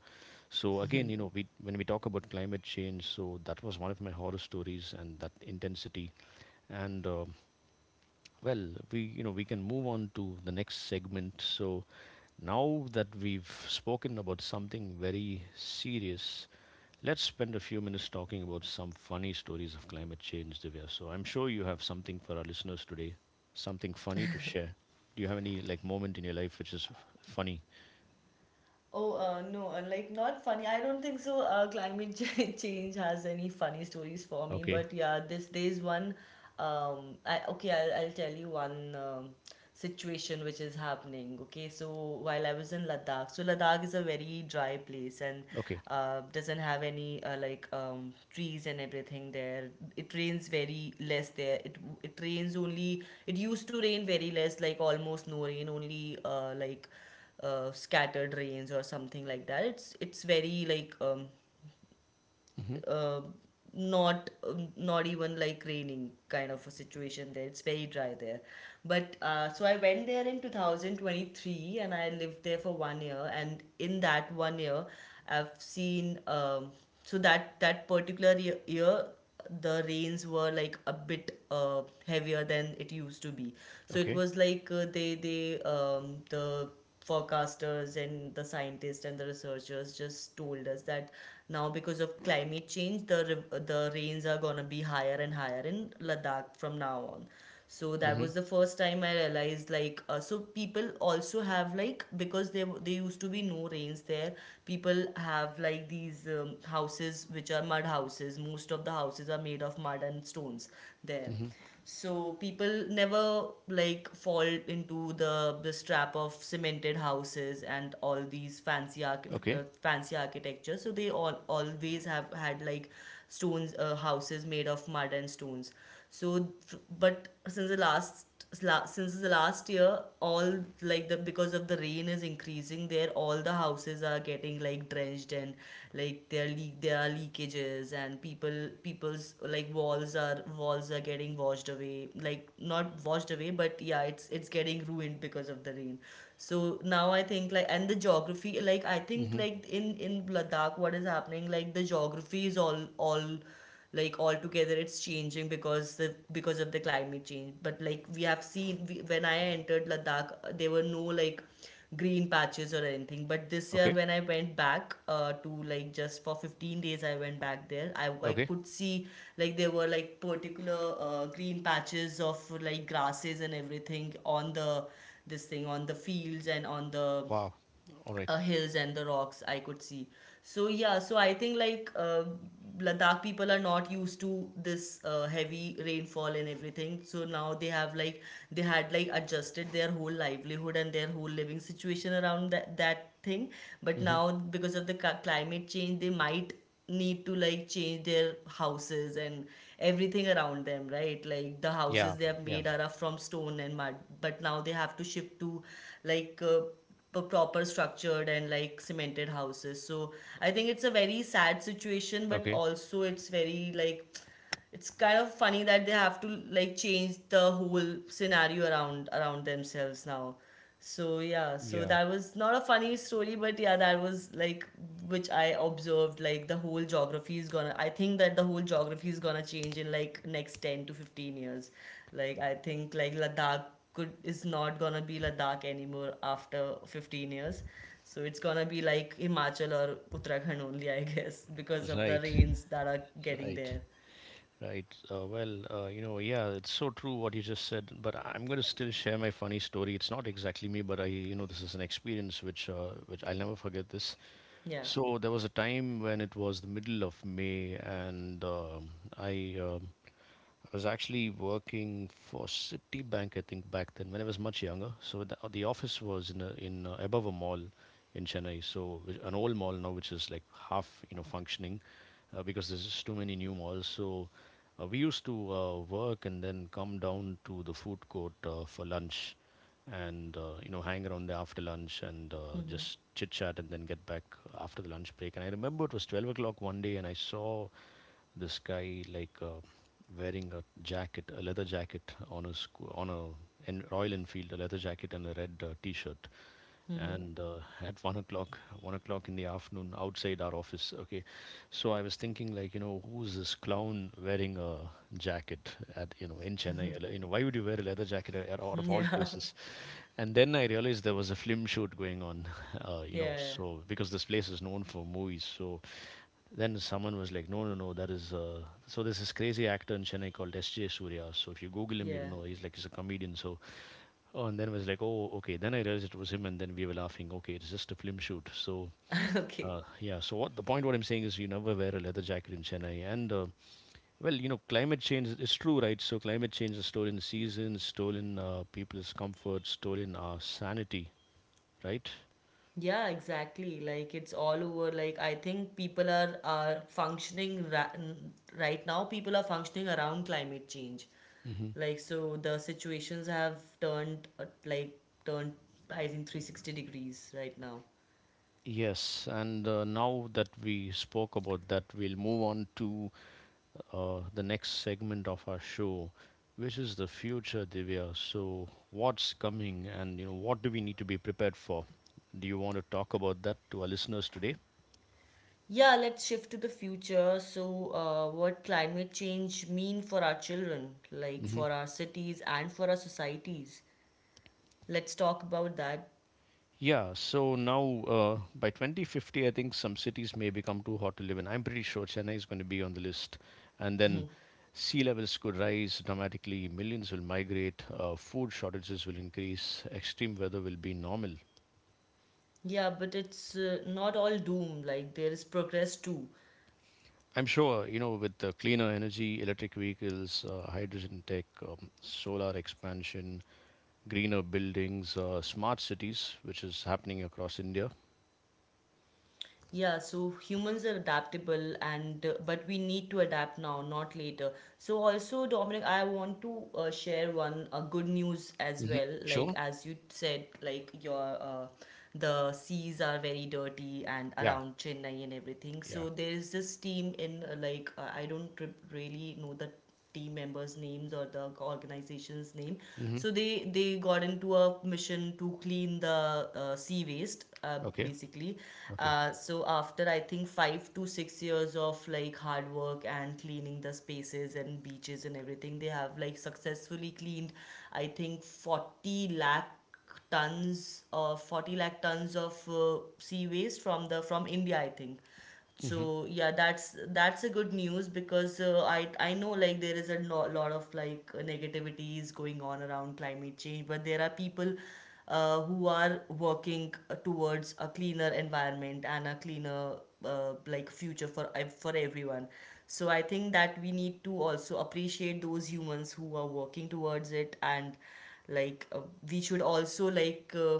Speaker 1: So again, you know, we when we talk about climate change, so that was one of my horror stories, and that intensity. And well, we you know we can move on to the next segment. So now that we've spoken about something very serious, let's spend a few minutes talking about some funny stories of climate change, Divya. So I'm sure you have something for our listeners today, something funny to share. Do you have any, like, moment in your life which is funny?
Speaker 2: Oh, no, like not funny. I don't think so. Climate change has any funny stories for me,
Speaker 1: Okay.
Speaker 2: but yeah, this there's one. I okay, I'll tell you one situation which is happening. Okay, so while I was in Ladakh, so Ladakh is a very dry place, and
Speaker 1: Okay.
Speaker 2: doesn't have any trees and everything there. It rains very less there. It rains only. It used to rain very less, like almost no rain, only scattered rains or something like that. It's very
Speaker 1: Mm-hmm.
Speaker 2: uh, not not even like raining kind of a situation there. It's very dry there. But so I went there in 2023, and I lived there for 1 year. And in that 1 year, I've seen so that particular year the rains were like a bit heavier than it used to be. So it
Speaker 1: Okay.
Speaker 2: was like the forecasters and the scientists and the researchers just told us that now, because of climate change, the the rains are going to be higher and higher in Ladakh from now on. So that
Speaker 1: Mm-hmm.
Speaker 2: was the first time I realized like, so people also have like, because there used to be no rains there, people have like these houses which are mud houses. Most of the houses are made of mud and stones there.
Speaker 1: Mm-hmm.
Speaker 2: So people never like fall into the this trap of cemented houses and all these
Speaker 1: Okay.
Speaker 2: fancy architecture. So they all always have had like stones houses made of mud and stones. So, but since since the last year, all like the, because of the rain is increasing there, all the houses are getting like drenched, and like there are leak there are leakages, and people's like walls are getting washed away, like not washed away, but yeah, it's getting ruined because of the rain. So now I think like, and the geography, like I think
Speaker 1: Mm-hmm.
Speaker 2: like in Ladakh what is happening, like the geography is all like altogether it's changing because because of the climate change. But like we have seen, when I entered Ladakh there were no like green patches or anything, but this year
Speaker 1: Okay.
Speaker 2: when I went back, to like just for 15 days I went back there, I
Speaker 1: Okay.
Speaker 2: could see like there were like particular green patches of like grasses and everything on the this thing on the fields and on the
Speaker 1: Wow. All right.
Speaker 2: hills and the rocks, I could see. So yeah, so I think like, Ladakh people are not used to this heavy rainfall and everything. So now they have like, they had like adjusted their whole livelihood and their whole living situation around that thing. But
Speaker 1: Mm-hmm.
Speaker 2: now because of the climate change, they might need to like change their houses and everything around them, right? Like the
Speaker 1: Yeah.
Speaker 2: houses they have
Speaker 1: Yeah.
Speaker 2: made are from stone and mud, but now they have to shift to like proper structured and like cemented houses. So I think it's a very sad situation, but
Speaker 1: Okay.
Speaker 2: also it's very like, it's kind of funny that they have to like change the whole scenario around themselves now. So yeah, so
Speaker 1: Yeah.
Speaker 2: that was not a funny story, but yeah, that was like, which I observed, like the whole geography is gonna I think that the whole geography is gonna change in like next 10 to 15 years. Like I think like Ladakh could is not gonna be Ladakh anymore after 15 years. So it's gonna be like Himachal or Uttarakhand only, I guess, because of the
Speaker 1: Right.
Speaker 2: rains that are getting
Speaker 1: Right.
Speaker 2: there.
Speaker 1: Right. Well, yeah, it's so true what you just said, but I'm going to still share my funny story. It's not exactly me, but this is an experience which I'll never forget this.
Speaker 2: Yeah.
Speaker 1: So there was a time when it was the middle of May, and I, um I was actually working for Citibank, I think, back then when I was much younger. So the office was in a, in above a mall in Chennai, so an old mall now which is like half functioning, because there's just too many new malls. So, we used to work and then come down to the food court for lunch, and hang around there after lunch, and just chit chat and then get back after the lunch break. And I remember it was 12 o'clock one day and I saw this guy, like. Uh, wearing a jacket, a leather jacket on a Royal Enfield, a leather jacket and a red T-shirt. And at 1:00 in the afternoon, outside our office. Okay, so I was thinking, like, who's this clown wearing a jacket at you know in Chennai? Why would you wear a leather jacket out of all
Speaker 2: Yeah,
Speaker 1: places? And then I realized there was a film shoot going on,
Speaker 2: yeah,
Speaker 1: so because this place is known for movies, so then someone was like, no, no, no, that is. So there's this crazy actor in Chennai called S.J. Surya. So if you Google him, you'll
Speaker 2: yeah.
Speaker 1: know. He's a comedian. So, oh, and then it was like, oh, okay. Then I realized it was him, and then we were laughing. Okay, it's just a film shoot. So,
Speaker 2: Okay.
Speaker 1: yeah. So, what the point? What I'm saying is, you never wear a leather jacket in Chennai, and well, climate change is true, right? So climate change has stolen seasons, stolen people's comfort, stolen our sanity, right?
Speaker 2: Yeah, exactly. Like it's all over. Like I think people are right now. People are functioning around climate change.
Speaker 1: Hmm.
Speaker 2: Like so, the situations have turned like turned, I think, 360 degrees right now.
Speaker 1: Yes, and now that we spoke about that, we'll move on to the next segment of our show, which is the future, Divya. So, what's coming, and what do we need to be prepared for? Do you want to talk about that to our listeners today?
Speaker 2: Yeah, let's shift to the future. So, what climate change mean for our children, like
Speaker 1: Hmm.
Speaker 2: for our cities and for our societies? Let's talk about that.
Speaker 1: Yeah, so now, by 2050, I think some cities may become too hot to live in. I'm pretty sure Chennai is going to be on the list. And then sea levels could rise dramatically, millions will migrate, food shortages will increase, extreme weather will be normal.
Speaker 2: Yeah, but it's not all doom. Like there is progress too.
Speaker 1: I'm sure, with the cleaner energy, electric vehicles, hydrogen tech, solar expansion, greener buildings, smart cities, which is happening across India.
Speaker 2: Yeah, so humans are adaptable, and but we need to adapt now, not later. So also, Dominic, I want to share one good news as
Speaker 1: Hmm.
Speaker 2: well. Like
Speaker 1: Sure.
Speaker 2: as you said, like your the seas are very dirty and
Speaker 1: Yeah.
Speaker 2: around Chennai and everything.
Speaker 1: Yeah.
Speaker 2: So there is this team in I don't really know the team members' names or the organization's name.
Speaker 1: Hmm.
Speaker 2: So they got into a mission to clean the sea waste,
Speaker 1: Okay.
Speaker 2: basically.
Speaker 1: Okay.
Speaker 2: So after I think 5 to 6 years of like hard work and cleaning the spaces and beaches and everything, they have like successfully cleaned, I think, 40 lakh tons of 40 lakh tons of sea waste from the from India, I think.
Speaker 1: Hmm.
Speaker 2: So yeah, that's a good news because, I know like there is a no, lot of like negativities going on around climate change, but there are people who are working towards a cleaner environment and a cleaner like future for everyone. So I think that we need to also appreciate those humans who are working towards it, and like we should also like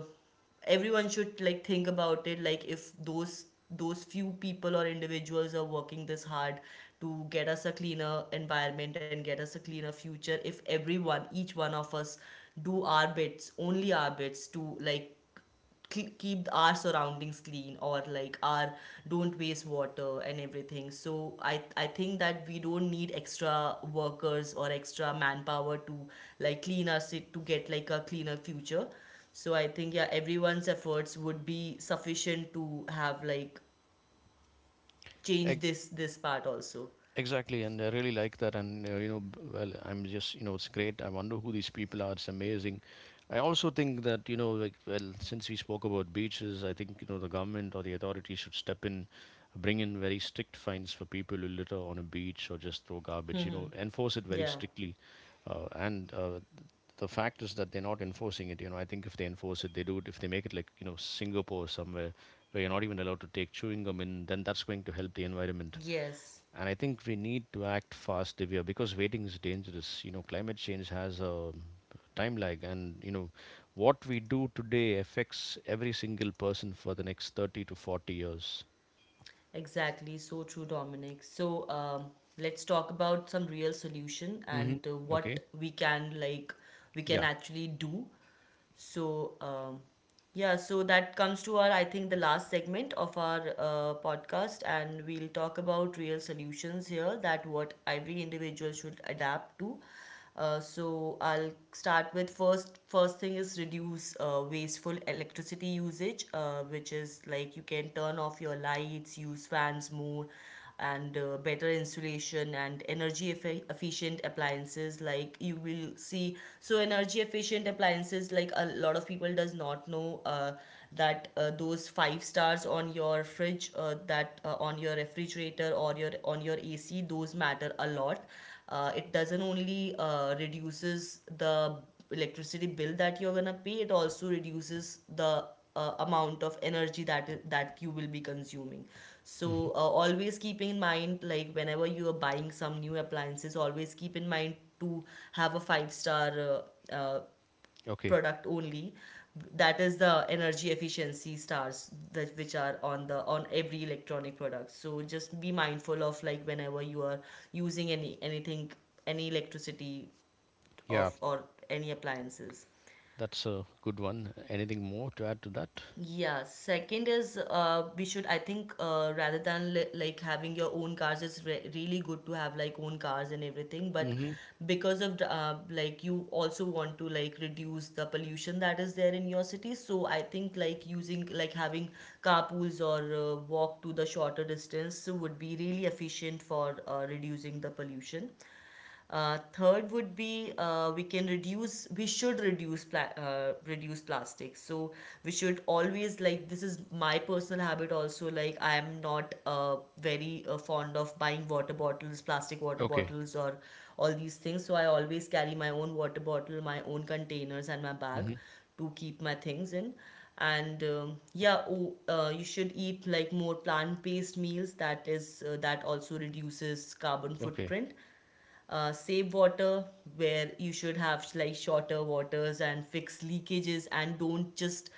Speaker 2: everyone should like think about it. Like if those those few people or individuals are working this hard to get us a cleaner environment and get us a cleaner future, if everyone, each one of us, do our bits, only our bits to like keep our surroundings clean, or like our, don't waste water and everything, so I think that we don't need extra workers or extra manpower to like clean our city to get like a cleaner future. So I think yeah, everyone's efforts would be sufficient to have like change this part also.
Speaker 1: Exactly, and I really like that. And you know, b- Well, I'm just, it's great. I wonder who these people are. It's amazing. I also think that, like, well, since we spoke about beaches, I think the government or the authorities should step in, bring in very strict fines for people who litter on a beach or just throw garbage. You know, enforce it very
Speaker 2: Yeah.
Speaker 1: strictly. And the fact is that they're not enforcing it. You know, I think if they enforce it, they do it. If they make it like Singapore or somewhere where you're not even allowed to take chewing gum in, then that's going to help the environment.
Speaker 2: Yes.
Speaker 1: And I think we need to act fast, Divya, because waiting is dangerous. You know, climate change has a time lag, and what we do today affects every single person for the next 30 to 40 years.
Speaker 2: Exactly, so true, Dominic. So let's talk about some real solution
Speaker 1: Hmm.
Speaker 2: and what
Speaker 1: Okay.
Speaker 2: we can like we can
Speaker 1: Yeah.
Speaker 2: actually do. So, yeah, so that comes to our, I think, the last segment of our podcast, and we'll talk about real solutions here, that what every individual should adapt to. So I'll start with first. First thing is reduce wasteful electricity usage, which is like you can turn off your lights, use fans more, and better insulation and energy efficient appliances. Like you will see, so energy efficient appliances, like a lot of people does not know that those five stars on your fridge, that on your refrigerator or your on your AC, those matter a lot. Uh, it doesn't only reduces the electricity bill that you're gonna pay, it also reduces the amount of energy that you will be consuming.
Speaker 1: Hmm.
Speaker 2: So always keeping in mind, like whenever you are buying some new appliances, always keep in mind to have a five star
Speaker 1: Okay.
Speaker 2: product only. That is the energy efficiency stars that which are on the on every electronic product. So just be mindful of like whenever you are using anything, any electricity of
Speaker 1: Yeah.
Speaker 2: or any appliances.
Speaker 1: That's a good one. Anything more to add to that?
Speaker 2: Yeah, second is we should, I think, rather than li like having your own cars, it's re really good to have like own cars and everything. But
Speaker 1: Hmm.
Speaker 2: because of the, like you also want to like reduce the pollution that is there in your city, so I think like using, like having carpools, or walk to the shorter distance, would be really efficient for reducing the pollution. Third would be we should reduce plastics. So we should always like, this is my personal habit also, like I am not very fond of buying water bottles, plastic water
Speaker 1: Okay.
Speaker 2: bottles, or all these things. So I always carry my own water bottle, my own containers, and my bag
Speaker 1: Hmm.
Speaker 2: to keep my things in. And yeah, oh, you should eat like more plant-based meals, that is that also reduces carbon
Speaker 1: Okay.
Speaker 2: footprint. Uh, save water, where you should have like shorter waters and fix leakages and don't just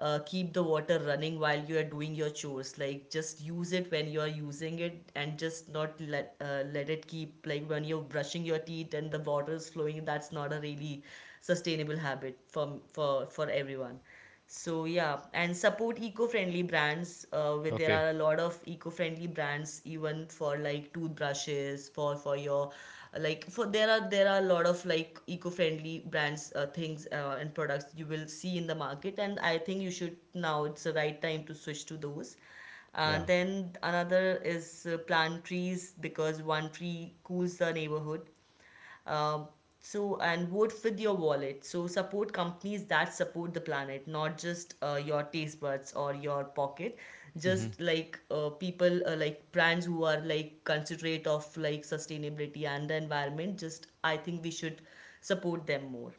Speaker 2: keep the water running while you are doing your chores. Like just use it when you are using it, and just not let it keep, like when you're brushing your teeth and the water is flowing, that's not a really sustainable habit for everyone. So yeah, and support eco-friendly brands. Where there
Speaker 1: Okay.
Speaker 2: are a lot of eco-friendly brands, even for like toothbrushes, for your like for there are a lot of like eco-friendly brands, things and products you will see in the market, and I think you should, now it's the right time to switch to those.
Speaker 1: Yeah.
Speaker 2: Then another is plant trees, because one tree cools the neighborhood. Uh, so, and vote with your wallet. So, support companies that support the planet, not just your taste buds or your pocket.
Speaker 1: Hmm.
Speaker 2: Just like like brands who are like considerate of like sustainability and the environment. Just I think we should support them more.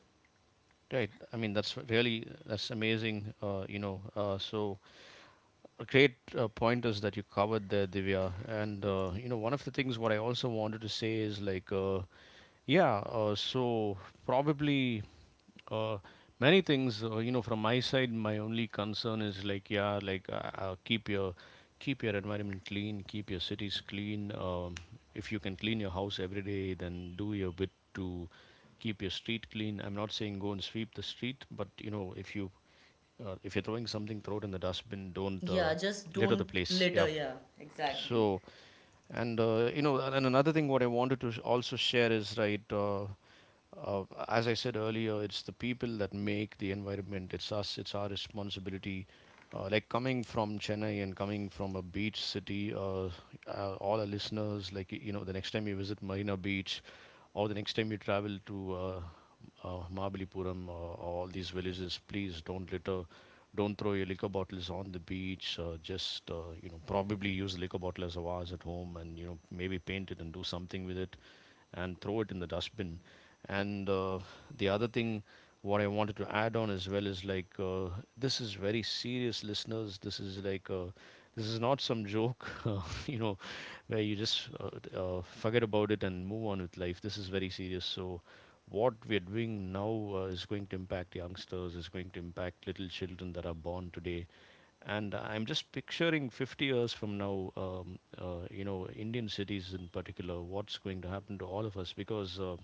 Speaker 1: Right. I mean, that's amazing. A great point that you covered there, Divya. One of the things what I also wanted to say is, like, yeah, probably uh, many things. From my side, my only concern is, like, yeah, like, keep your environment clean, keep your cities clean. If you can clean your house every day, then do your bit to keep your street clean. I'm not saying go and sweep the street, but, if you're throwing something, throw it in the dustbin. Don't
Speaker 2: Yeah, just
Speaker 1: litter the
Speaker 2: don't
Speaker 1: place. Yeah.
Speaker 2: litter. Yeah, exactly.
Speaker 1: So, and another thing what I wanted to also share is right. As I said earlier, it's the people that make the environment. It's us. It's our responsibility. Like coming from Chennai and coming from a beach city, all our listeners, like, the next time you visit Marina Beach, or the next time you travel to Mahabalipuram, all these villages, please don't litter, don't throw your liquor bottles on the beach. Just, probably use the liquor bottle as a vase at home, and maybe paint it and do something with it, and throw it in the dustbin. And the other thing, what I wanted to add on as well is, like, this is very serious, listeners. This is not some joke. You know, where you just forget about it and move on with life. This is very serious. So, what we are doing now is going to impact youngsters, is going to impact little children that are born today. And I'm just picturing 50 years from now, Indian cities in particular, what's going to happen to all of us because. Uh,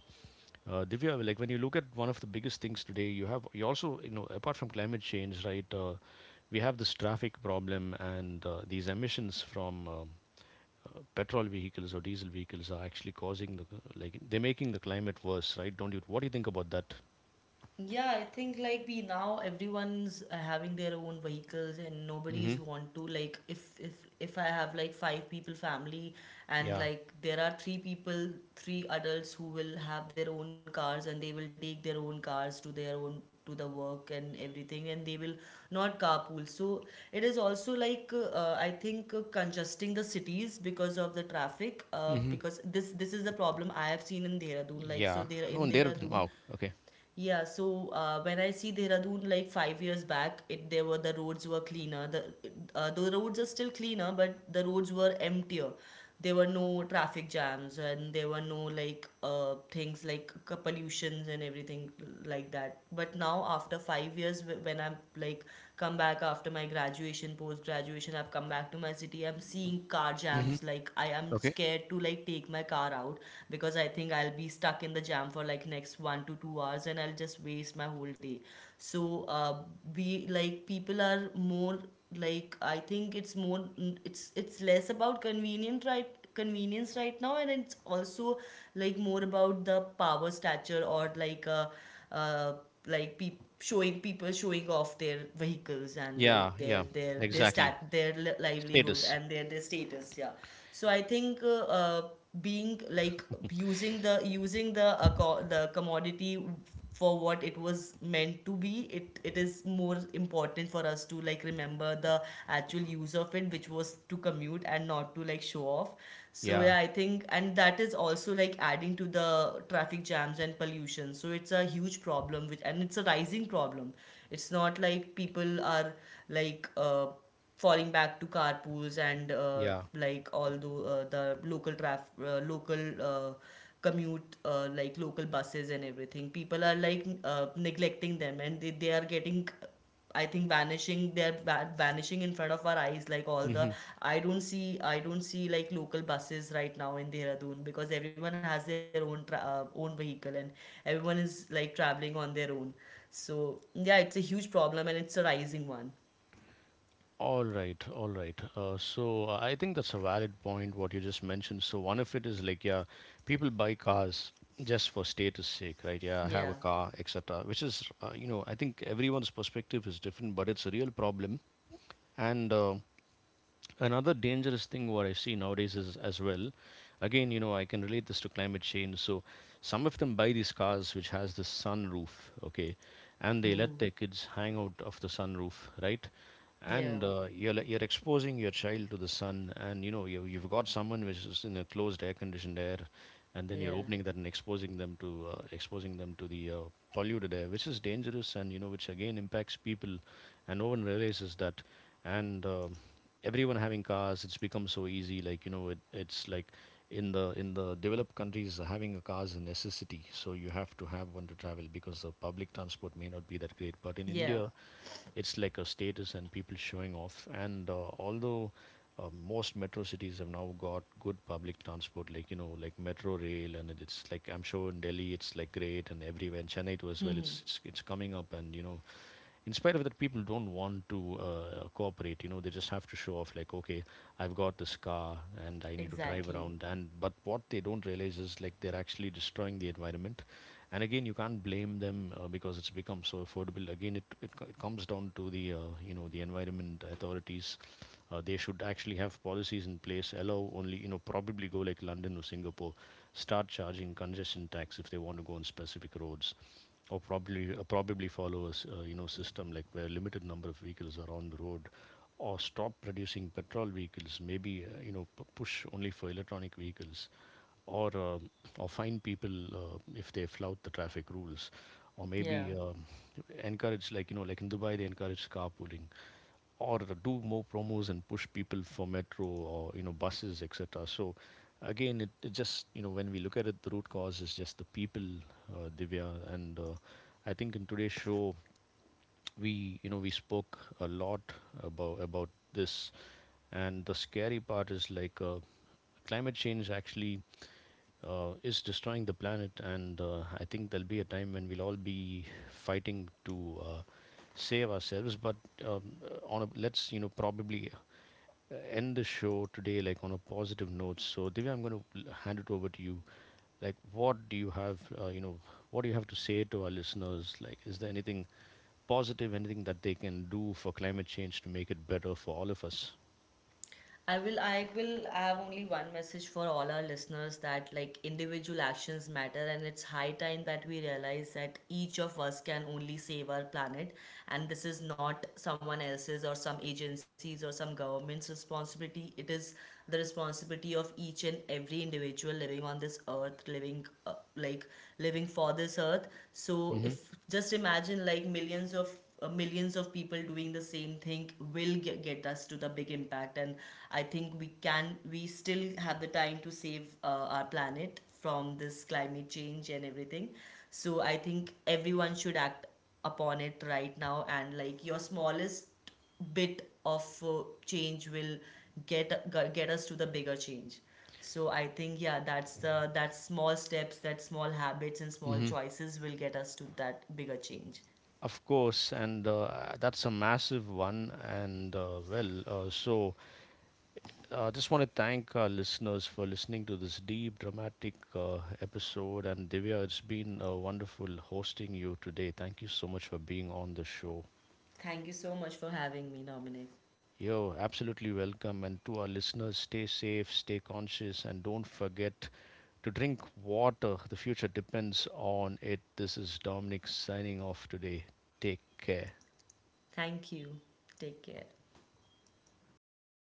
Speaker 1: uh, Divya, like when you look at one of the biggest things today, you also, apart from climate change, right? We have this traffic problem, and these emissions from petrol vehicles or diesel vehicles are actually causing the like, they're making the climate worse, right? Don't you? What do you think about that?
Speaker 2: Yeah, I think like we now everyone's having their own vehicles, and
Speaker 1: Mm-hmm.
Speaker 2: nobody's want to like, if I have like five people family, and
Speaker 1: Yeah.
Speaker 2: like there are three people, three adults who will have their own cars, and they will take their own cars to their own to the work and everything, and they will not carpool. So it is also like I think congesting the cities because of the traffic,
Speaker 1: Mm-hmm.
Speaker 2: because this is the problem I have seen in Dehradun. Like so
Speaker 1: Yeah.
Speaker 2: there
Speaker 1: Oh,
Speaker 2: in
Speaker 1: and there.
Speaker 2: Dehradun,
Speaker 1: Wow. Okay.
Speaker 2: yeah, so when I see Dehradun like 5 years back, it there were, the roads were cleaner. The roads are still cleaner, but the roads were emptier. There were no traffic jams, and there were no like things like pollutions and everything like that that. But now after 5 years, when I'm like come back after my graduation, post graduation, I've come back to my city, I'm seeing car
Speaker 1: Mm-hmm.
Speaker 2: jams. Like I am
Speaker 1: Okay.
Speaker 2: scared to like take my car out because I think I'll be stuck in the jam for like next 1 to 2 hours, and I'll just waste my whole day. So we like people are more like, I think it's more, it's less about convenient, right, convenience right now, and it's also like more about the power stature or uh like peop showing, people showing off their vehicles and
Speaker 1: Yeah,
Speaker 2: like
Speaker 1: yeah.
Speaker 2: their
Speaker 1: Exactly.
Speaker 2: stat their li- livelihood
Speaker 1: Status.
Speaker 2: and their status, yeah. So I think being like using the commodity for what it was meant to be. It is more important for us to like remember the actual use of it, which was to commute and not to like show off. So
Speaker 1: Yeah,
Speaker 2: yeah, I think, and that is also like adding to the traffic jams and pollution. So it's a huge problem which, and it's a rising problem. It's not like people are like falling back to carpools and
Speaker 1: yeah.
Speaker 2: like all the local commute, like local buses and everything. People are like neglecting them, and they are getting, I think, vanishing. They're vanishing in front of our eyes, like all the,
Speaker 1: Mm-hmm.
Speaker 2: I don't see, I don't see like local buses right now in Dehradun, because everyone has their own own vehicle, and everyone is like traveling on their own. So yeah, it's a huge problem and it's a rising one.
Speaker 1: All right, all right. I think that's a valid point, what you just mentioned. So one of it is like, yeah, people buy cars just for status sake, right? Yeah, I have a
Speaker 2: Yeah.
Speaker 1: car, etc. Which is, you know, I think everyone's perspective is different, but it's a real problem. And another dangerous thing, what I see nowadays is as well, again, you know, I can relate this to climate change. So some of them buy these cars which has the sunroof. Okay. And they let their
Speaker 2: Mm-hmm.
Speaker 1: kids hang out of the sunroof, right? And
Speaker 2: Yeah.
Speaker 1: you're exposing your child to the sun, and you know, you've got someone which is in a closed air conditioned air, and then you're
Speaker 2: Yeah.
Speaker 1: opening that and exposing them to the polluted air, which is dangerous, and you know, which again impacts people, and no one realizes that. And everyone having cars, it's become so easy. Like, you know, it's like in the developed countries, having a car is a necessity. So you have to have one to travel because the public transport may not be that great. But in
Speaker 2: Yeah.
Speaker 1: India, it's like a status and people showing off. And although most metro cities have now got good public transport, like, you know, like metro rail, and it's like, I'm sure in Delhi it's like great, and everywhere in Chennai too as well.
Speaker 2: Mm-hmm.
Speaker 1: It's coming up, and you know, in spite of that, people don't want to cooperate. You know, they just have to show off, like, okay, I've got this car and I need to drive
Speaker 2: Exactly.
Speaker 1: around. And but what they don't realize is like they're actually destroying the environment. And again, you can't blame them, because it's become so affordable. Again, it comes down to the, you know, the environment authorities, they should actually have policies in place, allow only, you know, probably go like London or Singapore, start charging congestion tax if they want to go on specific roads. Or probably probably follow a you know, system like where limited number of vehicles are on the road, or stop producing petrol vehicles, maybe you know, push only for electronic vehicles, or um or fine people if they flout the traffic rules, or
Speaker 2: Yeah.
Speaker 1: maybe encourage, like, you know, like in Dubai they encourage carpooling, or do more promos and push people for metro or, you know, buses, etc. So again, it just, you know, when we look at it, the root cause is just the people, Divya. And I think in today's show, we you know we spoke a lot about this, and the scary part is like, climate change actually, is destroying the planet, and I think there'll be a time when we'll all be fighting to save ourselves. But on a, let's, you know, probably end the show today like on a positive note. So Divya, I'm going to hand it over to you. Like, what do you have? You know, what do you have to say to our listeners? Like, is there anything positive, anything that they can do for climate change to make it better for all of us?
Speaker 2: I have only one message for all our listeners, that like individual actions matter, and it's high time that we realize that each of us can only save our planet. And this is not someone else's or some agencies or some government's responsibility. It is the responsibility of each and every individual living on this earth, living like living for this earth. So
Speaker 1: Mm-hmm.
Speaker 2: if just imagine like millions of people doing the same thing will get us to the big impact. And I think we can, we still have the time to save our planet from this climate change and everything. So I think everyone should act upon it right now, and like your smallest bit of change will get us to the bigger change. So I think yeah, that's the, that small steps, that small habits and small
Speaker 1: Mm-hmm.
Speaker 2: choices will get us to that bigger change.
Speaker 1: Of course, and that's a massive one. And so I just want to thank our listeners for listening to this deep, dramatic episode. And Divya, it's been wonderful hosting you today. Thank you so much for being on the show.
Speaker 2: Thank you so much for having me, Dominic.
Speaker 1: You're absolutely welcome. And to our listeners, stay safe, stay conscious, and don't forget to drink water. The future depends on it. This is Dominic signing off today. Take care.
Speaker 2: Thank you. Take care.